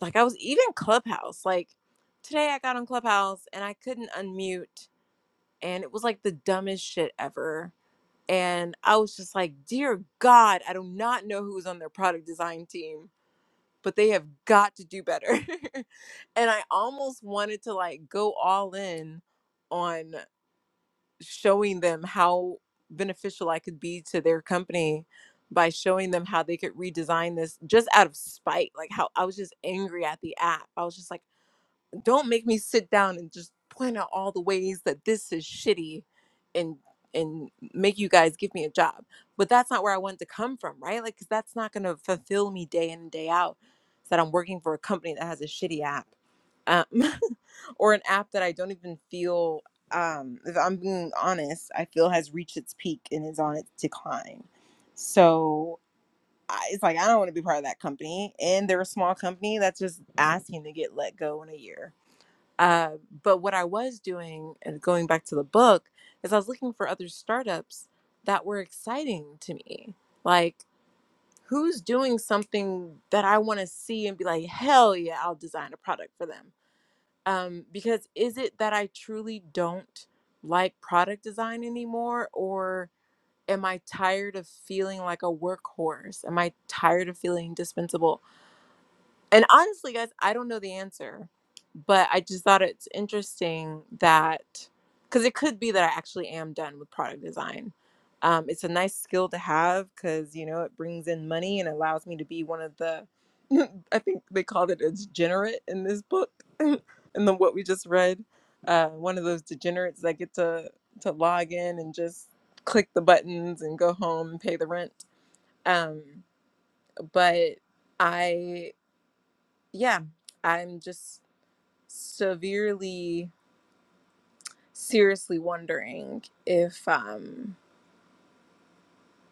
S1: like I was even Clubhouse. Like today I got on Clubhouse and I couldn't unmute and it was like the dumbest shit ever. And I was just like, dear God, I do not know who's on their product design team, but they have got to do better. [laughs] and I almost wanted to like go all in on showing them how beneficial I could be to their company by showing them how they could redesign this just out of spite like how I was just angry at the app. I was just like don't make me sit down and just point out all the ways that this is shitty and and make you guys give me a job. But that's not where I want to come from, right? Like cuz that's not going to fulfill me day in and day out is that I'm working for a company that has a shitty app. Um, [laughs] or an app that I don't even feel um if I'm being honest, I feel has reached its peak and is on its decline. So I, it's like I don't want to be part of that company, and they're a small company that's just asking to get let go in a year uh, but what I was doing, and going back to the book, is I was looking for other startups that were exciting to me. Like, who's doing something that I want to see and be like, hell yeah, I'll design a product for them. Um, because is it that I truly don't like product design anymore? Or am I tired of feeling like a workhorse? Am I tired of feeling dispensable? And honestly, guys, I don't know the answer, but I just thought it's interesting that because it could be that I actually am done with product design. Um, it's a nice skill to have because you know it brings in money and allows me to be one of the. [laughs] I think they called it a degenerate in this book, [laughs] and then what we just read, uh, one of those degenerates that get to to log in and just click the buttons and go home and pay the rent. Um, but I yeah, I'm just severely, seriously wondering if um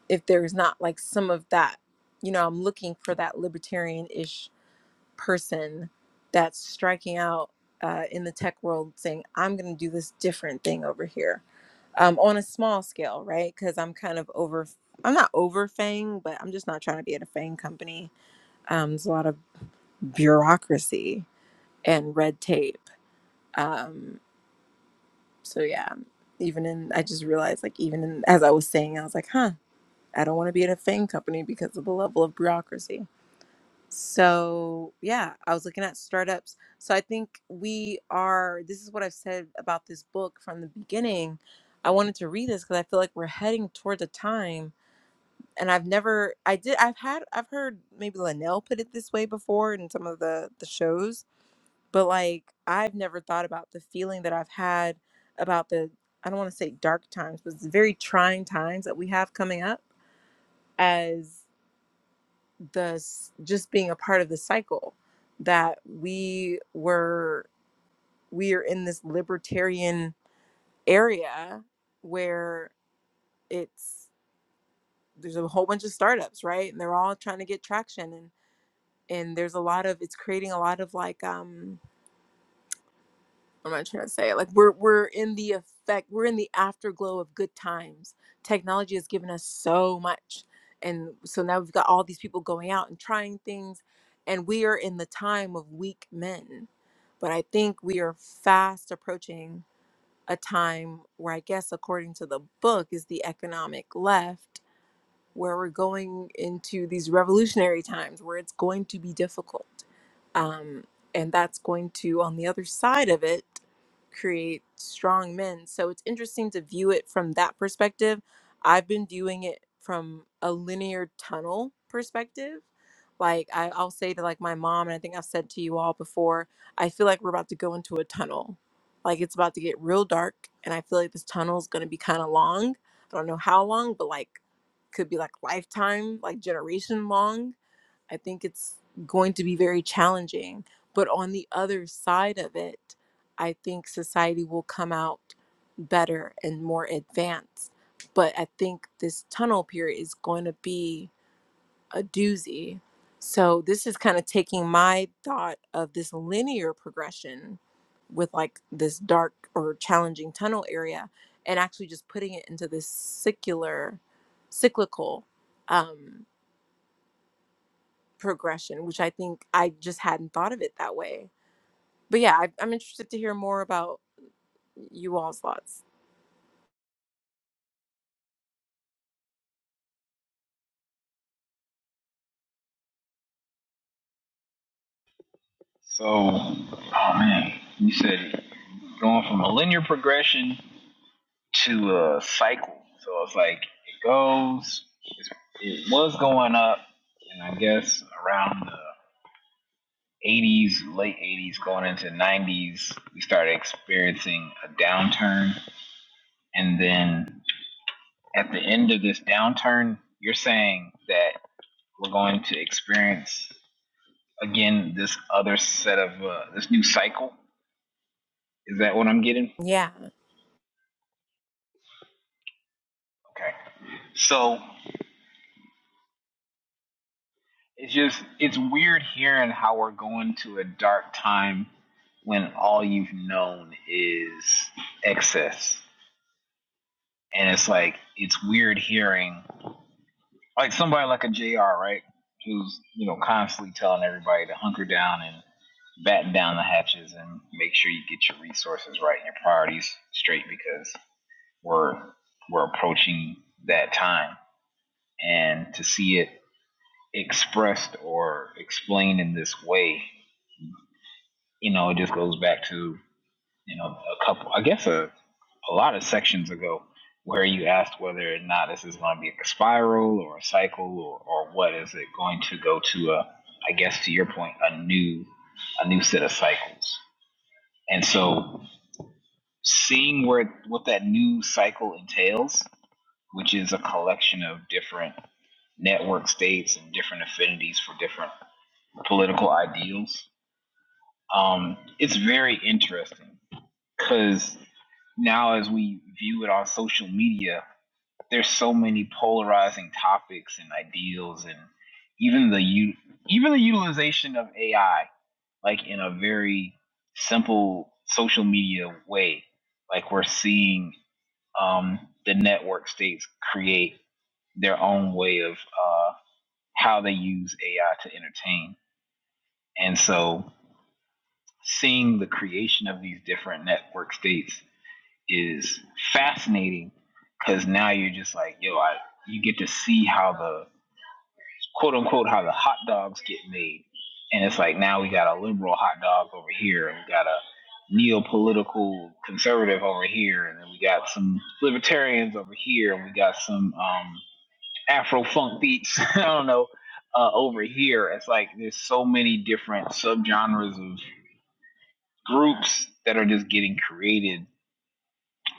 S1: if there's not like some of that, you know, I'm looking for that libertarian-ish person that's striking out uh, in the tech world, saying I'm going to do this different thing over here um, on a small scale, right? Because I'm kind of over. I'm not over Fang, but I'm just not trying to be at a Fang company. Um, there's a lot of bureaucracy and red tape. Um. So yeah, even in I just realized like even in, as I was saying, I was like, huh, I don't want to be in a fang company because of the level of bureaucracy. So yeah, I was looking at startups. So I think we are. This is what I've said about this book from the beginning. I wanted to read this because I feel like we're heading towards a time. And I've never, I did, I've had, I've heard maybe Linnell put it this way before in some of the the shows, but like I've never thought about the feeling that I've had about the I don't want to say dark times, but it's very trying times that we have coming up as the s- just being a part of the cycle that we were we are in this libertarian area where it's there's a whole bunch of startups right and they're all trying to get traction and and there's a lot of it's creating a lot of like um what am I trying to say? Like we're we're in the effect, we're in the afterglow of good times. Technology has given us so much. And so now we've got all these people going out and trying things, and we are in the time of weak men. But I think we are fast approaching a time where I guess according to the book is the economic left where we're going into these revolutionary times where it's going to be difficult. Um, and that's going to, on the other side of it, create strong men. So it's interesting to view it from that perspective. I've been viewing it from a linear tunnel perspective. Like I, I'll say to like my mom, and I think I've said to you all before, I feel like we're about to go into a tunnel. Like it's about to get real dark, and I feel like this tunnel is going to be kind of long. I don't know how long, but like could be like lifetime, like generation long, I think it's going to be very challenging. But on the other side of it, I think society will come out better and more advanced. But I think this tunnel period is going to be a doozy. So this is kind of taking my thought of this linear progression with like this dark or challenging tunnel area and actually just putting it into this secular cyclical um progression which i think i just hadn't thought of it that way but yeah I, i'm interested to hear more about you all's thoughts
S2: So oh man, you said going from a linear progression to a cycle. So it's like it goes, it was going up, and I guess around the 80s, late 80s, going into 90s, we started experiencing a downturn. And then at the end of this downturn, you're saying that we're going to experience again this other set of uh, this new cycle. Is that what I'm getting?
S1: Yeah,
S2: Okay. So it's just it's weird hearing how we're going to a dark time when all you've known is excess and it's like it's weird hearing like somebody like a jr right who's you know constantly telling everybody to hunker down and batten down the hatches and make sure you get your resources right and your priorities straight because we're we're approaching that time and to see it expressed or explained in this way you know, it just goes back to, you know, a couple, I guess a, a lot of sections ago where you asked whether or not this is going to be a spiral or a cycle or, or what is it going to go to a, I guess to your point, a new, a new set of cycles. And so seeing where, what that new cycle entails, which is a collection of different network states and different affinities for different political ideals, um, it's very interesting because now as we view it on social media, there's so many polarizing topics and ideals, and even the u- even the utilization of AI, like in a very simple social media way, like we're seeing um, the network states create their own way of uh, how they use AI to entertain, and so seeing the creation of these different network states is fascinating because now you're just like, yo, I you get to see how the quote unquote how the hot dogs get made. And it's like now we got a liberal hot dog over here and we got a neo political conservative over here and then we got some libertarians over here and we got some um Afro funk beats, [laughs] I don't know, uh, over here. It's like there's so many different subgenres of groups that are just getting created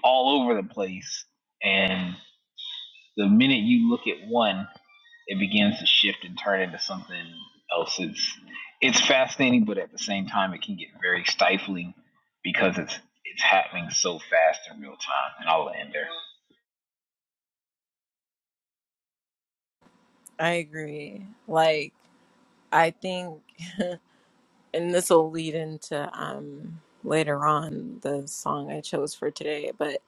S2: all over the place. and. The minute you look at one, it begins to shift and turn into something else. It's it's fascinating, but at the same time, it can get very stifling because it's it's happening so fast in real time. And I'll end there.
S1: I agree. Like, I think. and this will lead into um later on the song I chose for today, but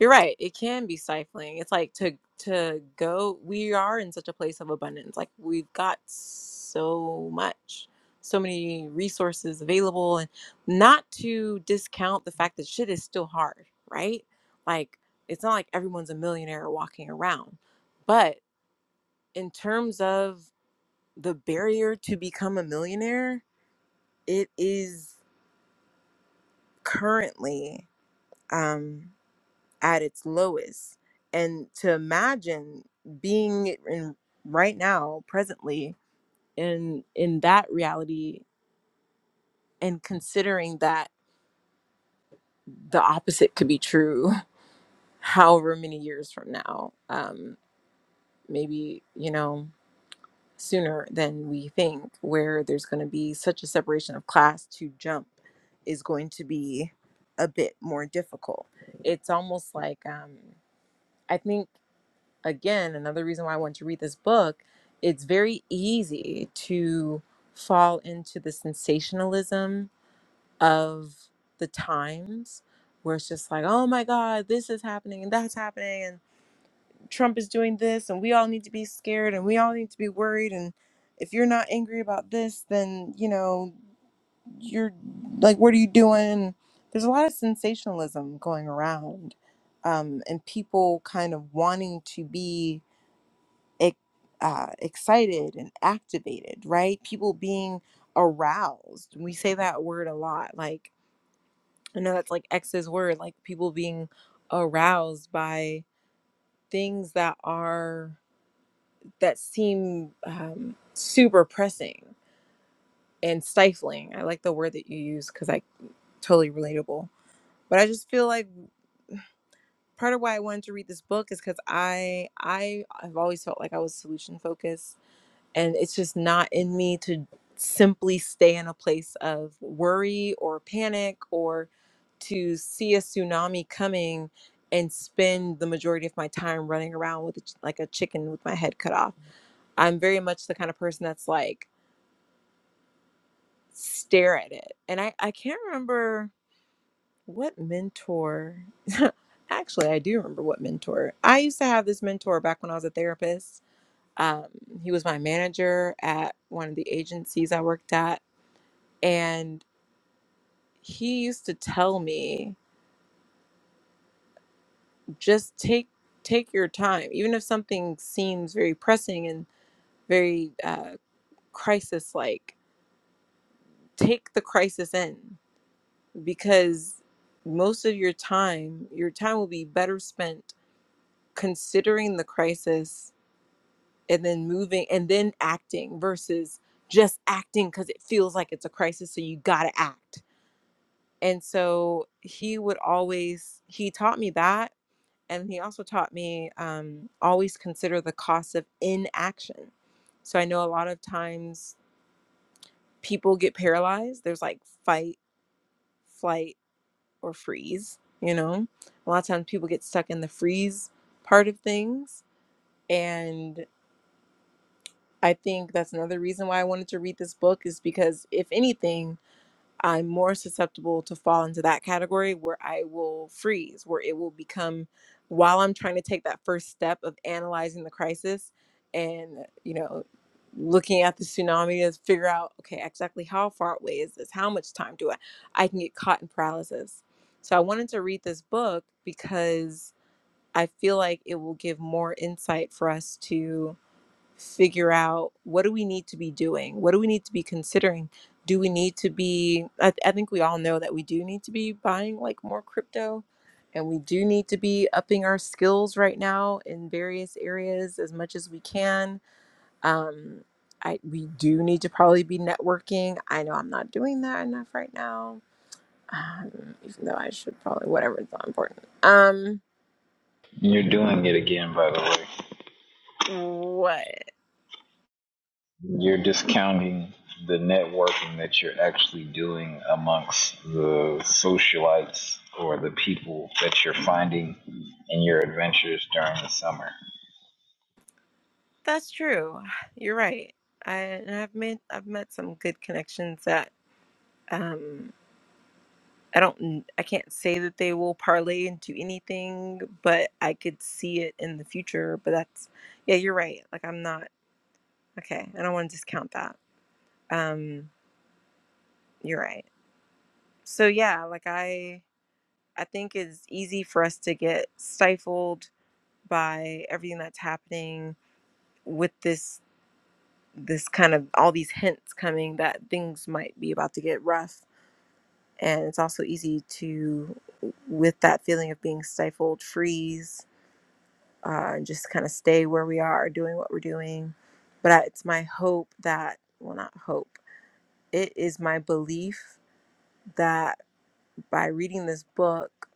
S1: you're right, it can be stifling. It's like to to go we are in such a place of abundance. Like we've got so much, so many resources available and not to discount the fact that shit is still hard, right? Like it's not like everyone's a millionaire walking around. But in terms of the barrier to become a millionaire, it is currently um, at its lowest. And to imagine being in right now, presently, in in that reality, and considering that the opposite could be true, [laughs] however many years from now, um, maybe you know sooner than we think, where there's going to be such a separation of class to jump is going to be a bit more difficult. It's almost like um, I think. again, another reason why I want to read this book, it's very easy to fall into the sensationalism of the times where it's just like, oh my God, this is happening and that's happening and Trump is doing this and we all need to be scared and we all need to be worried and if you're not angry about this, then you know, you're like, what are you doing? There's a lot of sensationalism going around. Um, and people kind of wanting to be ec- uh, excited and activated, right? People being aroused. We say that word a lot. Like, I know that's like X's word, like people being aroused by things that are, that seem um, super pressing and stifling. I like the word that you use because I totally relatable. But I just feel like part of why I wanted to read this book is because I I have always felt like I was solution focused and it's just not in me to simply stay in a place of worry or panic or to see a tsunami coming and spend the majority of my time running around with a ch- like a chicken with my head cut off. I'm very much the kind of person that's like stare at it. And I I can't remember what mentor [laughs] actually I do remember what mentor. I used to have this mentor back when I was a therapist. Um, he was my manager at one of the agencies I worked at and he used to tell me just take take your time even if something seems very pressing and very uh, crisis like take the crisis in because most of your time your time will be better spent considering the crisis and then moving and then acting versus just acting because it feels like it's a crisis so you gotta act and so he would always he taught me that and he also taught me um, always consider the cost of inaction. So I know a lot of times people get paralyzed. There's like fight, flight, or freeze. You know, a lot of times people get stuck in the freeze part of things, and I think that's another reason why I wanted to read this book is because if anything, I'm more susceptible to fall into that category where I will freeze, where it will become while I'm trying to take that first step of analyzing the crisis and, you know, looking at the tsunami to figure out, okay, exactly how far away is this? How much time do I? I can get caught in paralysis. So I wanted to read this book because I feel like it will give more insight for us to figure out what do we need to be doing? What do we need to be considering? Do we need to be? I, th- I think we all know that we do need to be buying like more crypto and we do need to be upping our skills right now in various areas as much as we can. Um, I, we do need to probably be networking. I know I'm not doing that enough right now, um, even though I should probably, whatever, it's not important. Um,
S2: You're doing it again, by the way.
S1: what?
S2: You're discounting the networking that you're actually doing amongst the socialites or the people that you're finding in your adventures during the summer.
S1: That's true. You're right. I and I've made I've met some good connections that um I don't I can't say that they will parlay into anything, but I could see it in the future. But that's yeah, you're right. Like I'm not okay. I don't want to discount that. Um, you're right. So yeah, like I I think it's easy for us to get stifled by everything that's happening with this this kind of all these hints coming that things might be about to get rough and it's also easy to with that feeling of being stifled freeze uh, and just kind of stay where we are doing what we're doing but I, it's my hope that well not hope it is my belief that by reading this book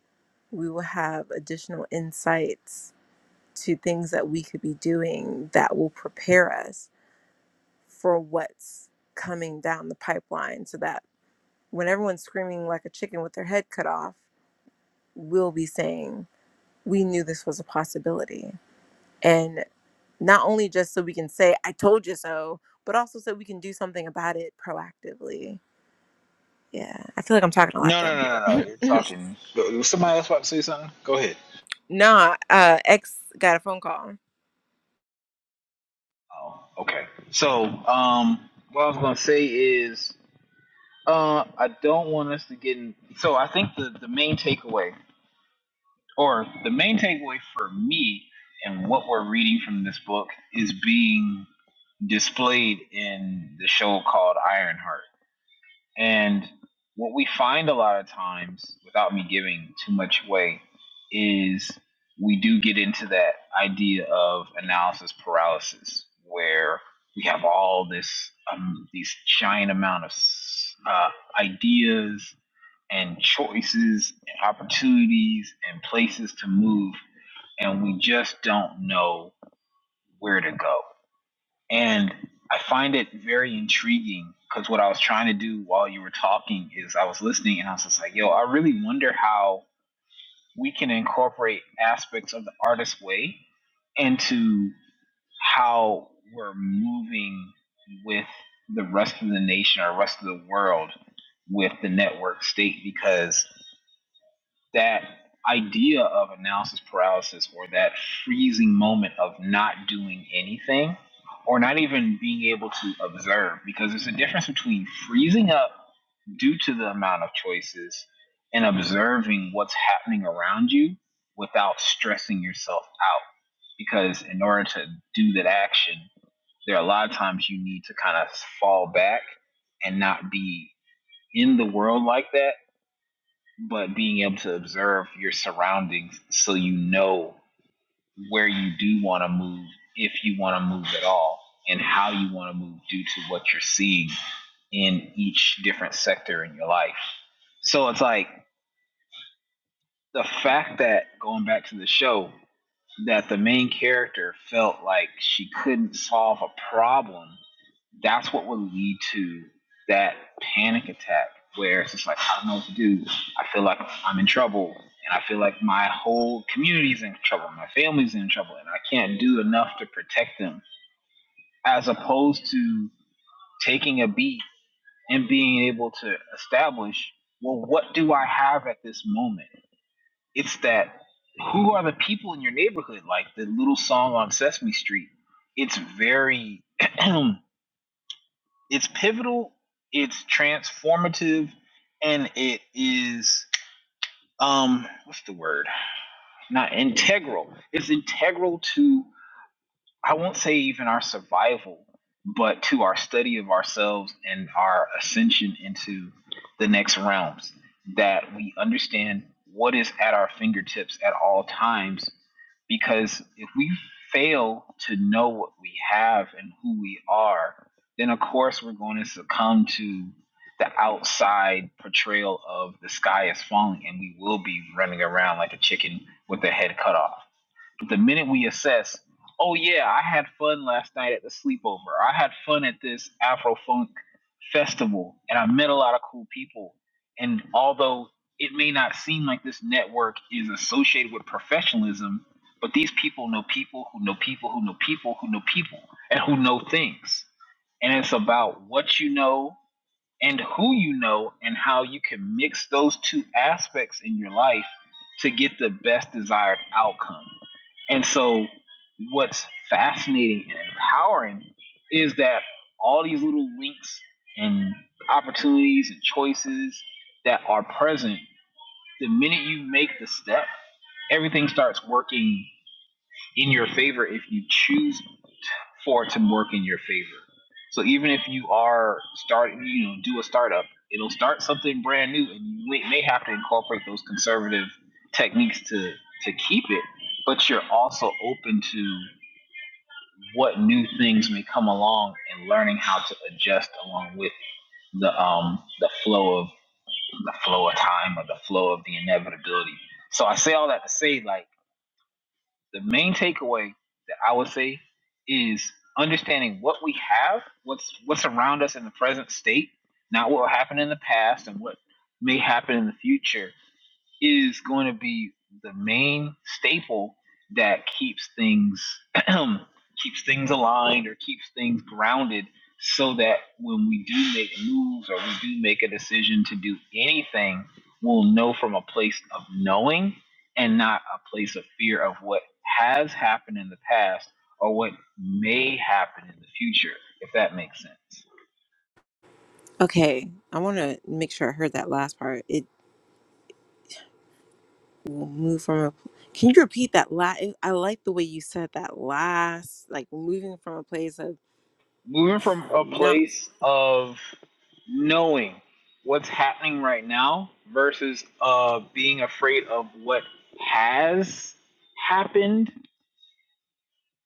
S1: we will have additional insights to things that we could be doing that will prepare us for what's coming down the pipeline so that when everyone's screaming like a chicken with their head cut off we'll be saying we knew this was a possibility. And not only just so we can say, I told you so, but also so we can do something about it proactively. Yeah. I feel like I'm talking a lot
S2: No,
S1: though.
S2: no, no, no, no. You're talking. Somebody else about to say something. Go ahead.
S1: Nah, uh, ex got a phone call.
S2: Oh, okay. So, um, what I was gonna say is, uh, I don't want us to get in. So, I think the the main takeaway, or the main takeaway for me, and what we're reading from this book is being displayed in the show called Ironheart. And what we find a lot of times, without me giving too much away, is we do get into that idea of analysis paralysis, where we have all this um, these giant amount of uh, ideas and choices and opportunities and places to move, and we just don't know where to go and I find it very intriguing because what I was trying to do while you were talking is I was listening and I was just like, yo, I really wonder how we can incorporate aspects of the artist way into how we're moving with the rest of the nation or rest of the world with the network state because that idea of analysis paralysis or that freezing moment of not doing anything or not even being able to observe because there's a difference between freezing up due to the amount of choices and observing what's happening around you without stressing yourself out because in order to do that action there are a lot of times you need to kind of fall back and not be in the world like that but being able to observe your surroundings so you know where you do want to move if you want to move at all and how you want to move due to what you're seeing in each different sector in your life so it's like the fact that going back to the show that the main character felt like she couldn't solve a problem, that's what would lead to that panic attack where it's just like, I don't know what to do. I feel like I'm in trouble and I feel like my whole community's in trouble, my family's in trouble, and I can't do enough to protect them. As opposed to taking a beat and being able to establish, well, what do I have at this moment? It's that who are the people in your neighborhood? Like the little song on Sesame Street. It's very, [clears throat] it's pivotal, it's transformative, and it is um what's the word? Not integral. It's integral to I won't say even our survival, but to our study of ourselves and our ascension into the next realms, that we understand what is at our fingertips at all times. Because if we fail to know what we have and who we are, then of course we're going to succumb to the outside portrayal of the sky is falling and we will be running around like a chicken with the head cut off but the minute we assess, oh yeah, I had fun last night at the sleepover. I had fun at this Afro Funk festival, and I met a lot of cool people. And although it may not seem like this network is associated with professionalism, but these people know people who know people who know people who know people and who know things. And it's about what you know and who you know and how you can mix those two aspects in your life to get the best desired outcome. And so what's fascinating and empowering is that all these little links and opportunities and choices that are present, the minute you make the step, everything starts working in your favor if you choose for it to work in your favor. So even if you are starting, you know, do a startup, it'll start something brand new, and you may may have to incorporate those conservative techniques to to keep it. But you're also open to what new things may come along and learning how to adjust along with the um the flow of the flow of time or the flow of the inevitability. So I say all that to say like the main takeaway that I would say is understanding what we have, what's what's around us in the present state, not what happened in the past and what may happen in the future is going to be the main staple that keeps things [clears throat] keeps things aligned or keeps things grounded so that when we do make moves or we do make a decision to do anything we'll know from a place of knowing and not a place of fear of what has happened in the past or what may happen in the future if that makes sense
S1: Okay. I want to make sure I heard that last part. It will move from a. Can you repeat that last? I like the way you said that last, like moving from a place of
S2: moving from a
S1: not
S2: place of knowing what's happening right now versus uh being afraid of what has happened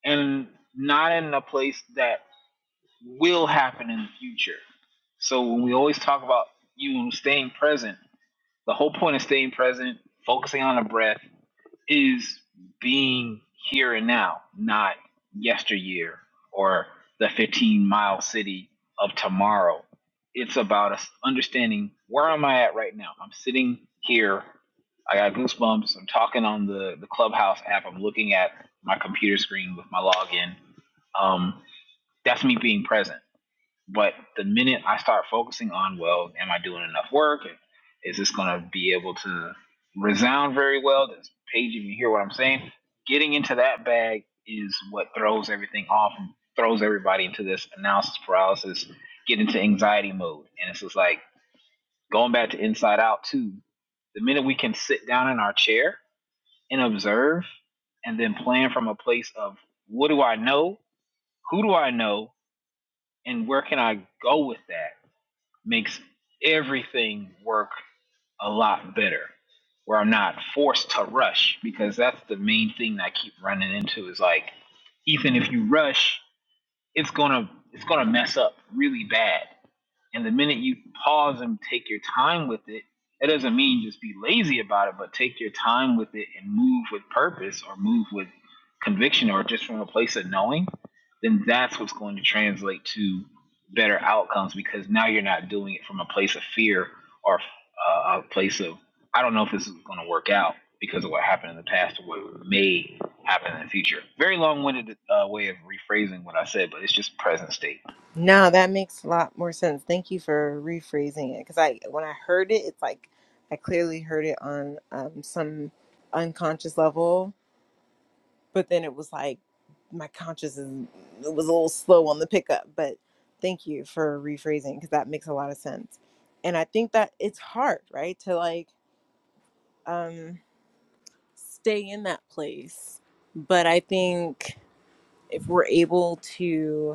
S2: and not in a place that will happen in the future. So when we always talk about you staying present, the whole point of staying present, focusing on the breath, is being here and now, not yesteryear or the 15 mile city of tomorrow. It's about us understanding where am I at right now. I'm sitting here. I got goosebumps. I'm talking on the, the Clubhouse app. I'm looking at my computer screen with my login. Um, that's me being present. But the minute I start focusing on, well, am I doing enough work? is this going to be able to resound very well? Does Paige even hear what I'm saying? Getting into that bag is what throws everything off and throws everybody into this analysis paralysis, get into anxiety mode. And it's just like going back to inside out, too. The minute we can sit down in our chair and observe and then plan from a place of what do I know? Who do I know? And where can I go with that? makes everything work a lot better where I'm not forced to rush because that's the main thing that I keep running into is like, Ethan, if you rush, it's gonna it's gonna mess up really bad. And the minute you pause and take your time with it, it doesn't mean just be lazy about it, but take your time with it and move with purpose or move with conviction or just from a place of knowing, then that's what's going to translate to better outcomes because now you're not doing it from a place of fear or uh, a place of, I don't know if this is going to work out because of what happened in the past or what may happen in the future. Very long winded uh, way of rephrasing what I said, but it's just present state.
S1: No, that makes a lot more sense. Thank you for rephrasing it because I, when I heard it, it's like I clearly heard it on um, some unconscious level, but then it was like my conscious is, it was a little slow on the pickup. But thank you for rephrasing because that makes a lot of sense. And I think that it's hard, right, to like um, stay in that place. But I think if we're able to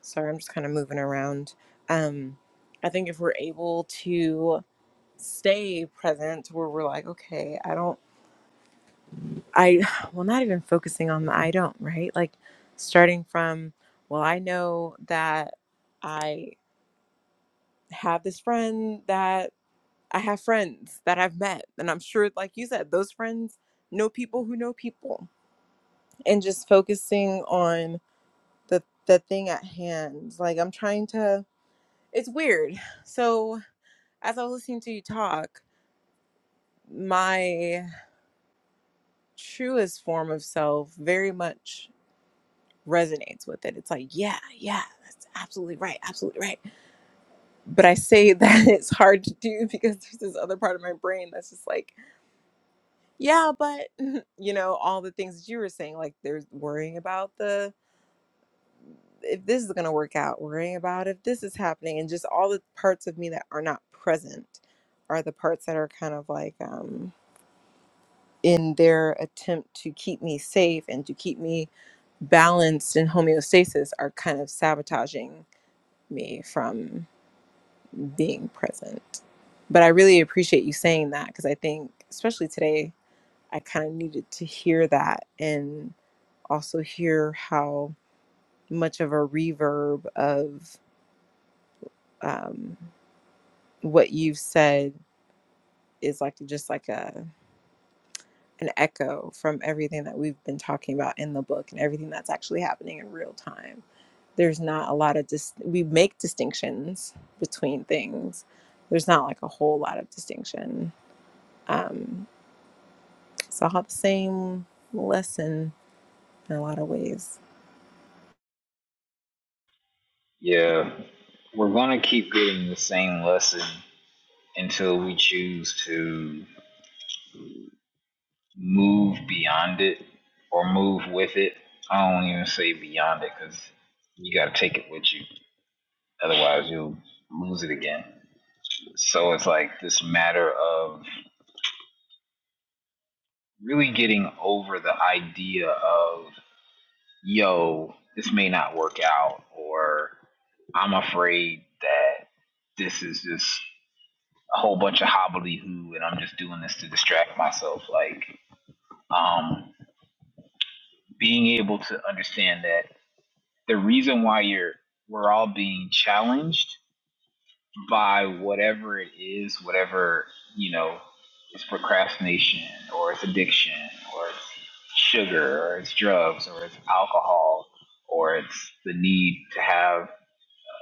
S1: Sorry, I'm just kind of moving around. Um, I think if we're able to stay present where we're like, okay, I don't, I, [sighs] well, not even focusing on the I don't, right? Like starting from, well, I know that I have this friend that I have friends that I've met. And I'm sure, like you said, those friends know people who know people. And just focusing on the, the thing at hand. Like I'm trying to, it's weird. So, as I was listening to you talk, my truest form of self very much resonates with it. It's like, yeah, yeah, that's absolutely right, absolutely right. But I say that [laughs] it's hard to do because there's this other part of my brain that's just like, yeah, but [laughs] you know, all the things that you were saying, like there's worrying about the if this is gonna work out, worrying about if this is happening, and just all the parts of me that are not present are the parts that are kind of like um in their attempt to keep me safe and to keep me balanced in homeostasis are kind of sabotaging me from being present. But I really appreciate you saying that because I think, especially today, I kind of needed to hear that and also hear how much of a reverb of um, what you've said is like just like a an echo from everything that we've been talking about in the book and everything that's actually happening in real time there's not a lot of dis- we make distinctions between things there's not like a whole lot of distinction um so i have the same lesson in a lot of ways
S2: Yeah. We're going to keep getting the same lesson until we choose to move beyond it or move with it. I don't even say beyond it because you got to take it with you. Otherwise, you'll lose it again. So it's like this matter of really getting over the idea of, yo, this may not work out, or I'm afraid that this is just a whole bunch of hobbly-hoo and I'm just doing this to distract myself. Like, um, being able to understand that the reason why you're, we're all being challenged by whatever it is, whatever, you know, it's procrastination or it's addiction or it's sugar or it's drugs or it's alcohol or it's the need to have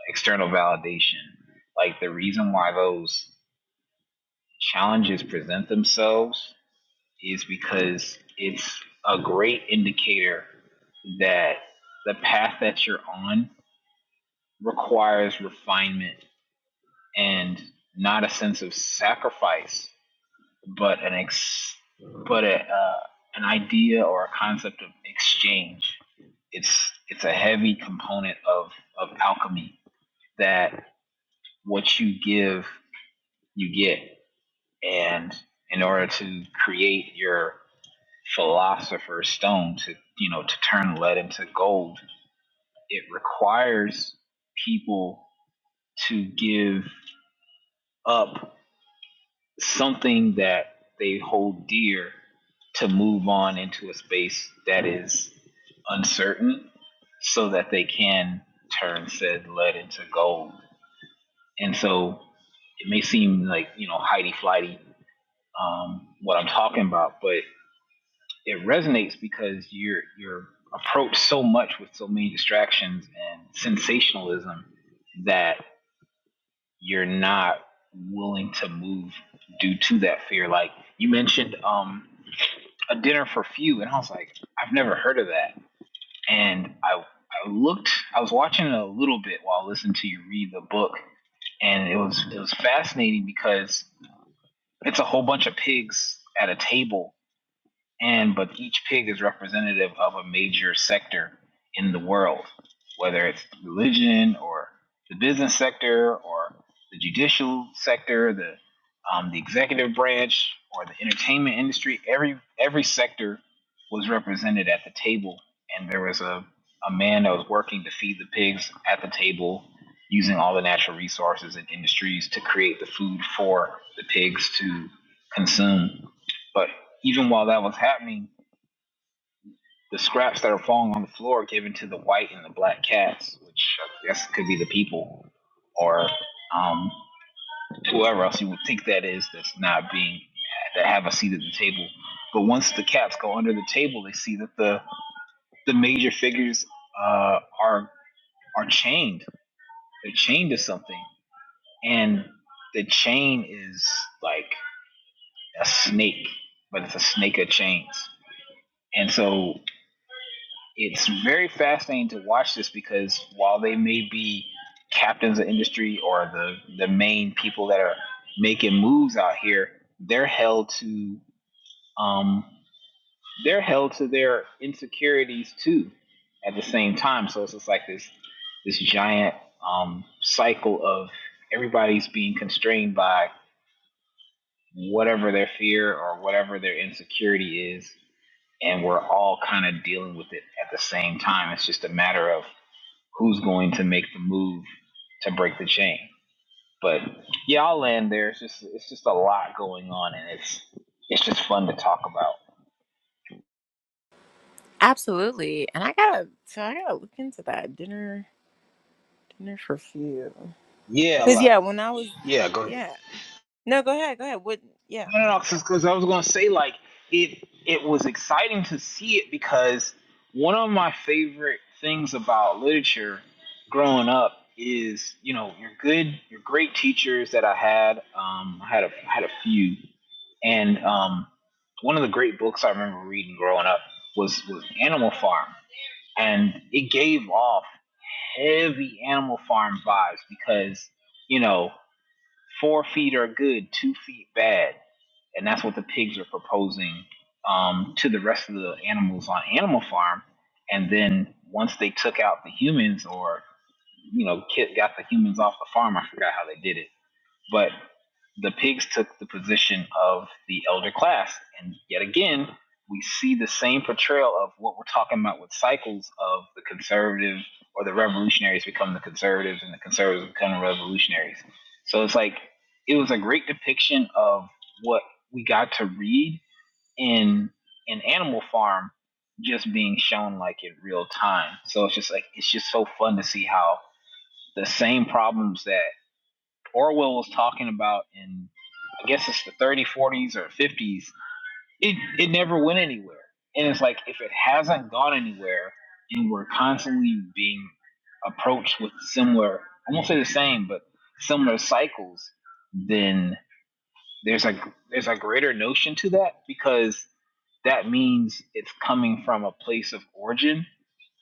S2: external validation. Like, the reason why those challenges present themselves is because it's a great indicator that the path that you're on requires refinement and not a sense of sacrifice, but an ex, but a, uh, an idea or a concept of exchange. It's it's a heavy component of of alchemy that what you give you get, and in order to create your philosopher's stone to you know to turn lead into gold it requires people to give up something that they hold dear to move on into a space that is uncertain so that they can turn said lead into gold and so it may seem like you know Heidi flighty um, what I'm talking about, but it resonates because you're you're approached so much with so many distractions and sensationalism that you're not willing to move due to that fear. Like you mentioned, um, a dinner for few, and I was like, I've never heard of that. And I I looked, I was watching it a little bit while listening to you read the book, and it was it was fascinating because it's a whole bunch of pigs at a table and but each pig is representative of a major sector in the world, whether it's religion or the business sector or the judicial sector, the um, the executive branch or the entertainment industry. Every every sector was represented at the table, and there was a a man that was working to feed the pigs at the table using all the natural resources and industries to create the food for the pigs to consume. But even while that was happening, the scraps that are falling on the floor are given to the white and the black cats, which I guess could be the people or um, whoever else you would think that is that's not being that have a seat at the table. But once the cats go under the table, they see that the the major figures uh, are are chained. They're chained to something, and the chain is like a snake, but it's a snake of chains. And so it's very fascinating to watch this because while they may be captains of industry or the the main people that are making moves out here, they're held to um they're held to their insecurities too at the same time. So it's just like this this giant um cycle of everybody's being constrained by whatever their fear or whatever their insecurity is and we're all kind of dealing with it at the same time. It's just a matter of who's going to make the move to break the chain. But yeah, I'll land there. It's just it's just a lot going on, and it's it's just fun to talk about.
S1: absolutely and i gotta so i gotta look into that dinner dinner for few
S2: Yeah,
S1: because
S2: like
S1: yeah when i was
S2: go ahead.
S1: yeah no go ahead go ahead what yeah
S2: No, no, no, because I was gonna say like it. It was exciting to see it because one of my favorite things about literature growing up is you know your good, your great teachers that I had. Um, I had a I had a few, and um, one of the great books I remember reading growing up was was Animal Farm, and it gave off heavy Animal Farm vibes because you know four feet are good, two feet bad and that's what the pigs are proposing um, to the rest of the animals on Animal Farm. And then once they took out the humans, or you know, got the humans off the farm, I forgot how they did it but the pigs took the position of the elder class. And yet again, we see the same portrayal of what we're talking about with cycles of the conservative or the revolutionaries become the conservatives and the conservatives become the revolutionaries. So it's like it was a great depiction of what we got to read in an animal farm just being shown like in real time. So it's just like it's just so fun to see how the same problems that Orwell was talking about in I guess it's the 30s, 40s, or 50s. It it never went anywhere, and it's like if it hasn't gone anywhere, and we're constantly being approached with similar, I won't say the same, but similar cycles, then there's a there's a greater notion to that because that means it's coming from a place of origin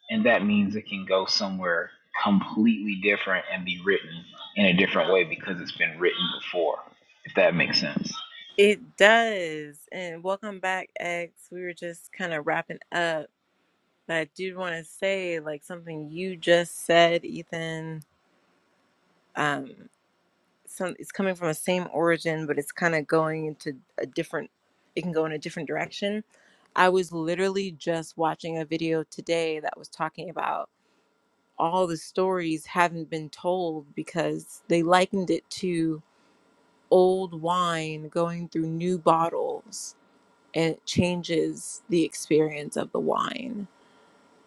S2: and that means it can go somewhere completely different and be written in a different way because it's been written before. If that makes sense.
S1: it does and welcome back x we were just kind of wrapping up but i do want to say like something you just said ethan um, some it's coming from the same origin, but it's kind of going into a different it can go in a different direction. I was literally just watching a video today that was talking about all the stories haven't been told because they likened it to old wine going through new bottles and it changes the experience of the wine.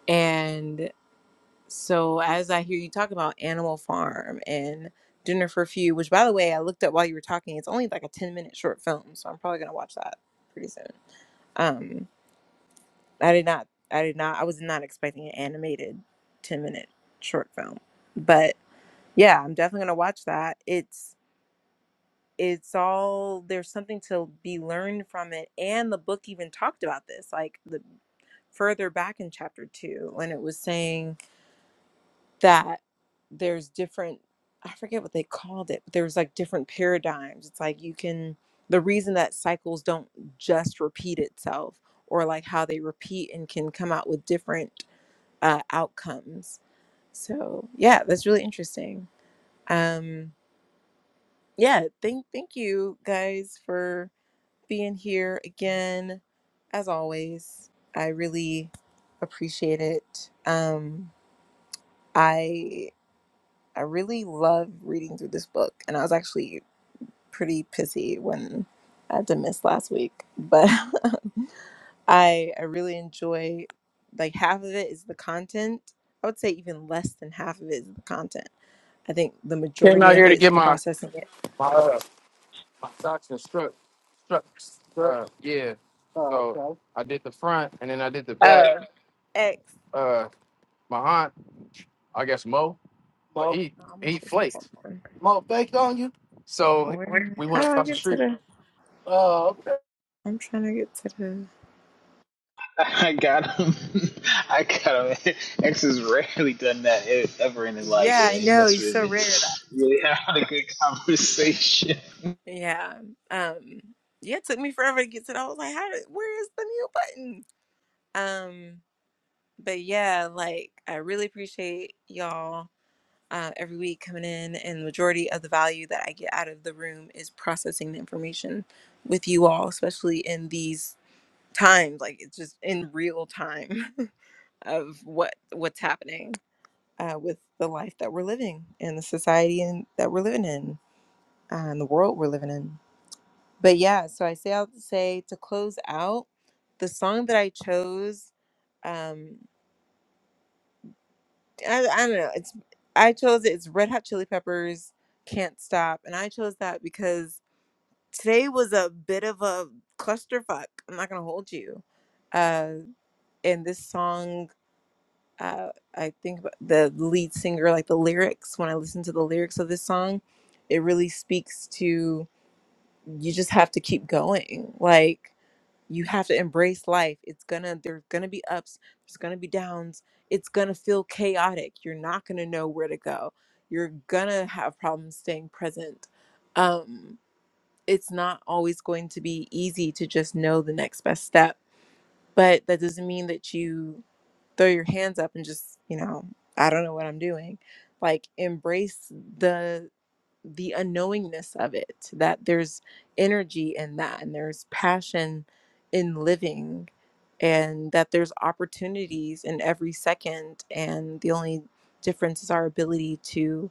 S1: and. So as I hear you talk about Animal Farm and Dinner for Few, which by the way I looked up while you were talking, it's only like a ten minute short film, so I'm probably gonna watch that pretty soon. Um, I did not, I did not, I was not expecting an animated ten minute short film, but yeah, I'm definitely gonna watch that. It's it's all there's something to be learned from it, and the book even talked about this, like the further back in chapter two, when it was saying that there's different i forget what they called it but there's like different paradigms it's like you can the reason that cycles don't just repeat itself or like how they repeat and can come out with different uh, outcomes so yeah that's really interesting um yeah thank thank you guys for being here again as always i really appreciate it um i I really love reading through this book, and I was actually pretty pissy when I had to miss last week, but [laughs] I I really enjoy like half of it is the content. I would say even less than half of it is the content. I think the
S4: Came
S1: majority
S4: out
S1: of
S4: here
S1: it
S4: to
S1: is
S4: get my
S1: processing it.
S4: my, uh, my socks and struck struck uh, yeah. Oh, So okay. I did the front and then I did the back.
S1: Oh, X.
S4: Uh, my aunt, I guess Mo, Mo, he
S1: How much
S4: he
S1: is hold
S4: flaked.
S1: on.
S4: Mo baked on you? So
S1: Where am I-
S4: we
S1: How
S4: went
S1: do I
S4: across the
S1: get to
S4: street.
S1: the?
S4: Oh,
S1: I'm trying to get to the.
S2: [laughs] I got him. [laughs] I got him. [laughs] X has rarely done that e- ever in his life,
S1: Yeah, I
S2: man. He
S1: know.
S2: must
S1: He's
S2: have
S1: so
S2: been
S1: rare that.
S2: really [laughs] having a good conversation.
S1: Yeah. Um. Yeah, it took me forever to get to that. I was like, how? Did, where is the mute button? Um, but yeah, like I really appreciate y'all uh, every week coming in, and the majority of the value that I get out of the room is processing the information with you all, especially in these times. Like it's just in real time [laughs] of what what's happening uh, with the life that we're living and the society and that we're living in uh, and the world we're living in. But yeah, so I say I'll say to close out the song that I chose. Um, I, I don't know. It's I chose it. It's Red Hot Chili Peppers, Can't Stop, and I chose that because today was a bit of a clusterfuck. I'm not gonna hold you. Uh, and this song, uh, I think about the lead singer, like the lyrics. When I listen to the lyrics of this song, it really speaks to you. Just have to keep going. Like you have to embrace life it's gonna there's gonna be ups there's gonna be downs it's gonna feel chaotic you're not gonna know where to go you're gonna have problems staying present um it's not always going to be easy to just know the next best step but that doesn't mean that you throw your hands up and just you know i don't know what i'm doing like embrace the the unknowingness of it that there's energy in that and there's passion in living and that there's opportunities in every second and the only difference is our ability to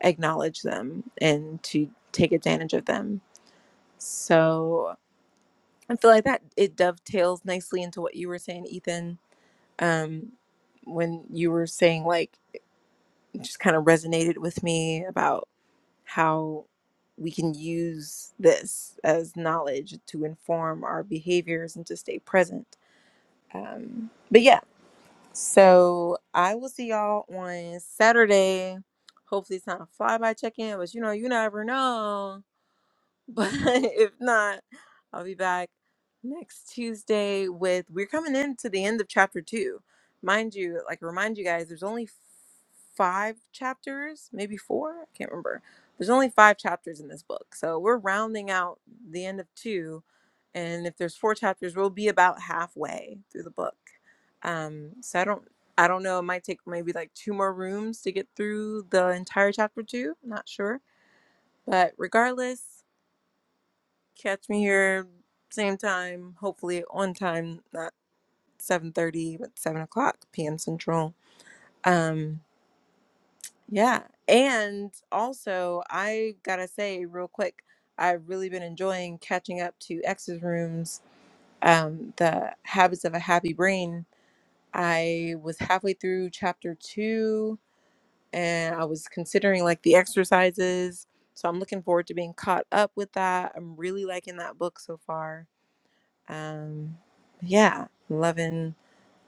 S1: acknowledge them and to take advantage of them so i feel like that it dovetails nicely into what you were saying ethan um when you were saying like it just kind of resonated with me about. how we can use this as knowledge to inform our behaviors and to stay present. Um, but yeah, so I will see y'all on Saturday. Hopefully, it's not a flyby check in, but you know, you never know. But [laughs] if not, I'll be back next Tuesday with we're coming into the end of chapter two. Mind you, like remind you guys, there's only f- five chapters, maybe four. I can't remember. There's only five chapters in this book, so we're rounding out the end of two. And if there's four chapters, we'll be about halfway through the book. Um, so I don't, I don't know. It might take maybe like two more rooms to get through the entire chapter two. Not sure. But regardless, Catch me here same time, hopefully on time, not 7:30, but 7 o'clock p.m. Central. Um, yeah. And also, I gotta say real quick, I've really been enjoying catching up to X's rooms, um, the habits of a happy brain. I was halfway through chapter two and I was considering like the exercises. So I'm looking forward to being caught up with that. I'm really liking that book so far um, yeah, loving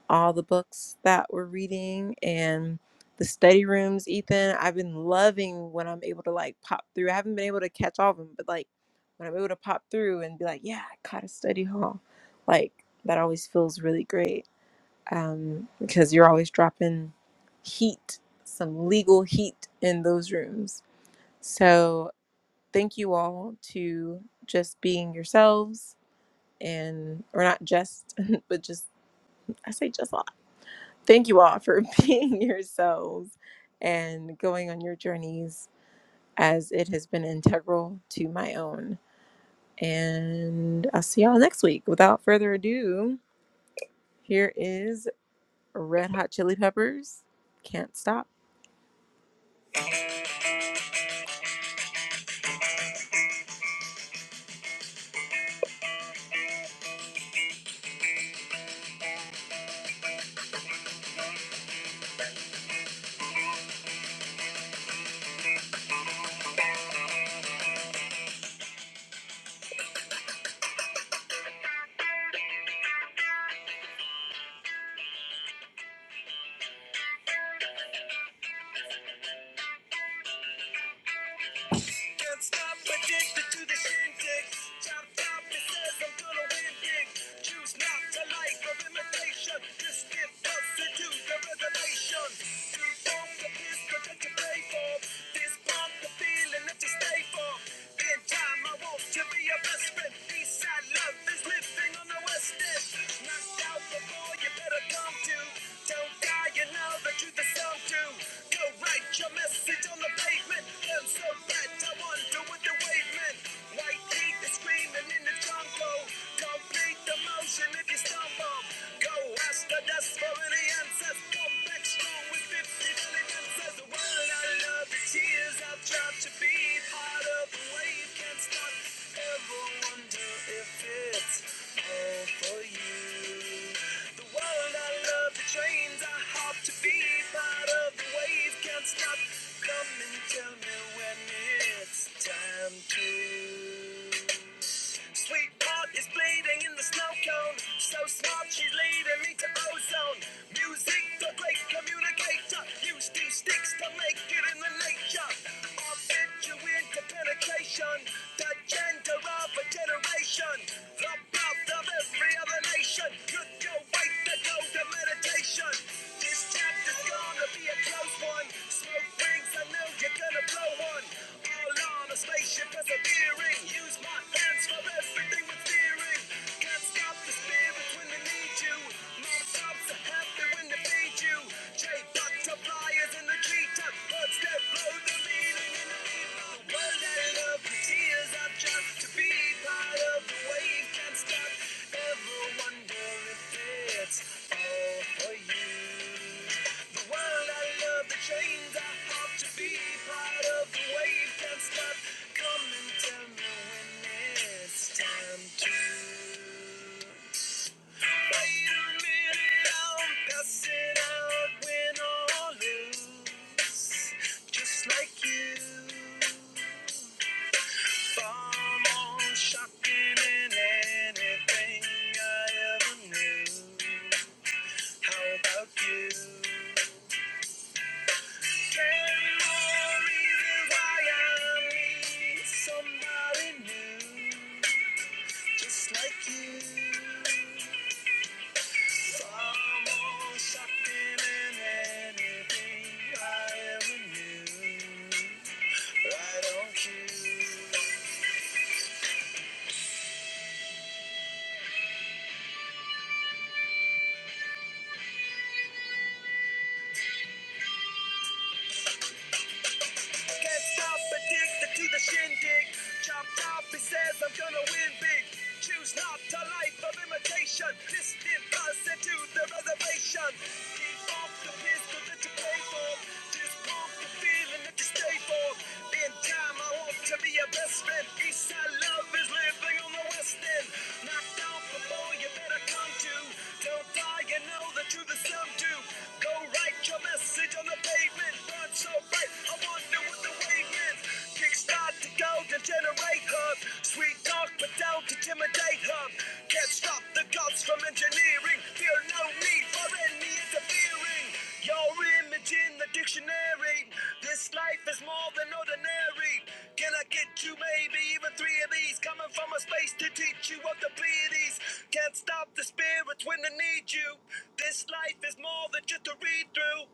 S1: all the books that we're reading and the study rooms, Ethan. I've been loving when I'm able to like pop through. I haven't been able to catch all of them, but like when I'm able to pop through and be like, yeah, I caught a study hall, like that always feels really great um, because you're always dropping heat, some legal heat in those rooms. So thank you all to just being yourselves and or not just [laughs] but just i say just a lot thank you all for [laughs] being yourselves and going on your journeys as it has been integral to my own and i'll see y'all next week without further ado here is red hot chili peppers can't stop Can't stop addicted to the shindig. Chop chop! it says I'm gonna win big. Choose not to life of imitation. Just give birth to the revelation. To form the pistol that you pay for. This bomb, the feeling that you stay for. In time, I want to be your best friend. Eastside love is living on the west end. Knocked out the ball, you better come to. Don't die, you know the truth is so true. Go write your message on the pavement. I'm so bad, I wonder what the wavement. White heat is screaming in the jungle. Complete the motion if you stumble. Go ask the dust for any answers. Come back strong with 50 million answers says the world and I love the tears I've dropped to be part of the wave can't stop. Ever wonder if it's all for you? The world I love the trains I hop to be part of the wave can't stop. Come and tell me when it's time to. Sweet heart is bleeding in the snow cone. So smart, she's leading me to ozone. Music, the great communicator. Used two sticks to make it in the nature. I'll bet you into penetration. The gender of a generation. The birth of every other nation. Could go wait to go to meditation. This chapter's gonna be a close one. Smoke rings, I know you're gonna blow slow one. All on a spaceship persevering. Use my hands for everything we're fearing. Can't stop the spirit when they need you. Non-stops are happy when they feed you. J-Buck to flyers in the treetop. Birds that blow the meaning in the people. world that love the tears I've dropped. To be part of the wave can't stop. Ever wonder if it's all for you. The world I love, the chains I hope to be part of the wave can't stop. Come and tell me when it's time to wait a minute. I'm passing out when all loose, just like you. Far more shocking than anything I ever knew. How about you? Right on cue. Can't stop, addicted to the shindig. Chopped off, he says I'm gonna win big. Choose not to life of imitation. Distant cousin to the reservation. Keep off the pistol that you pay for. Just want the feeling that you stay for. In time, I want to be your best friend. Eastside love is living on the west end. Knocked out before you better come to. Don't die, you know the truth is some do. Go write your message on the pavement done so right. I wonder what the wave is. Kickstart to go to generate hub. Sweet talk, but don't intimidate hub. Can't stop the gods from engineering. Feel no need for any interfering. Your image in the dictionary. This life is more than ordinary. Can I get you maybe even three of these? Coming from a space to teach you what the pleiades. Can't stop the spirits when they need you. This life is more than just a read through.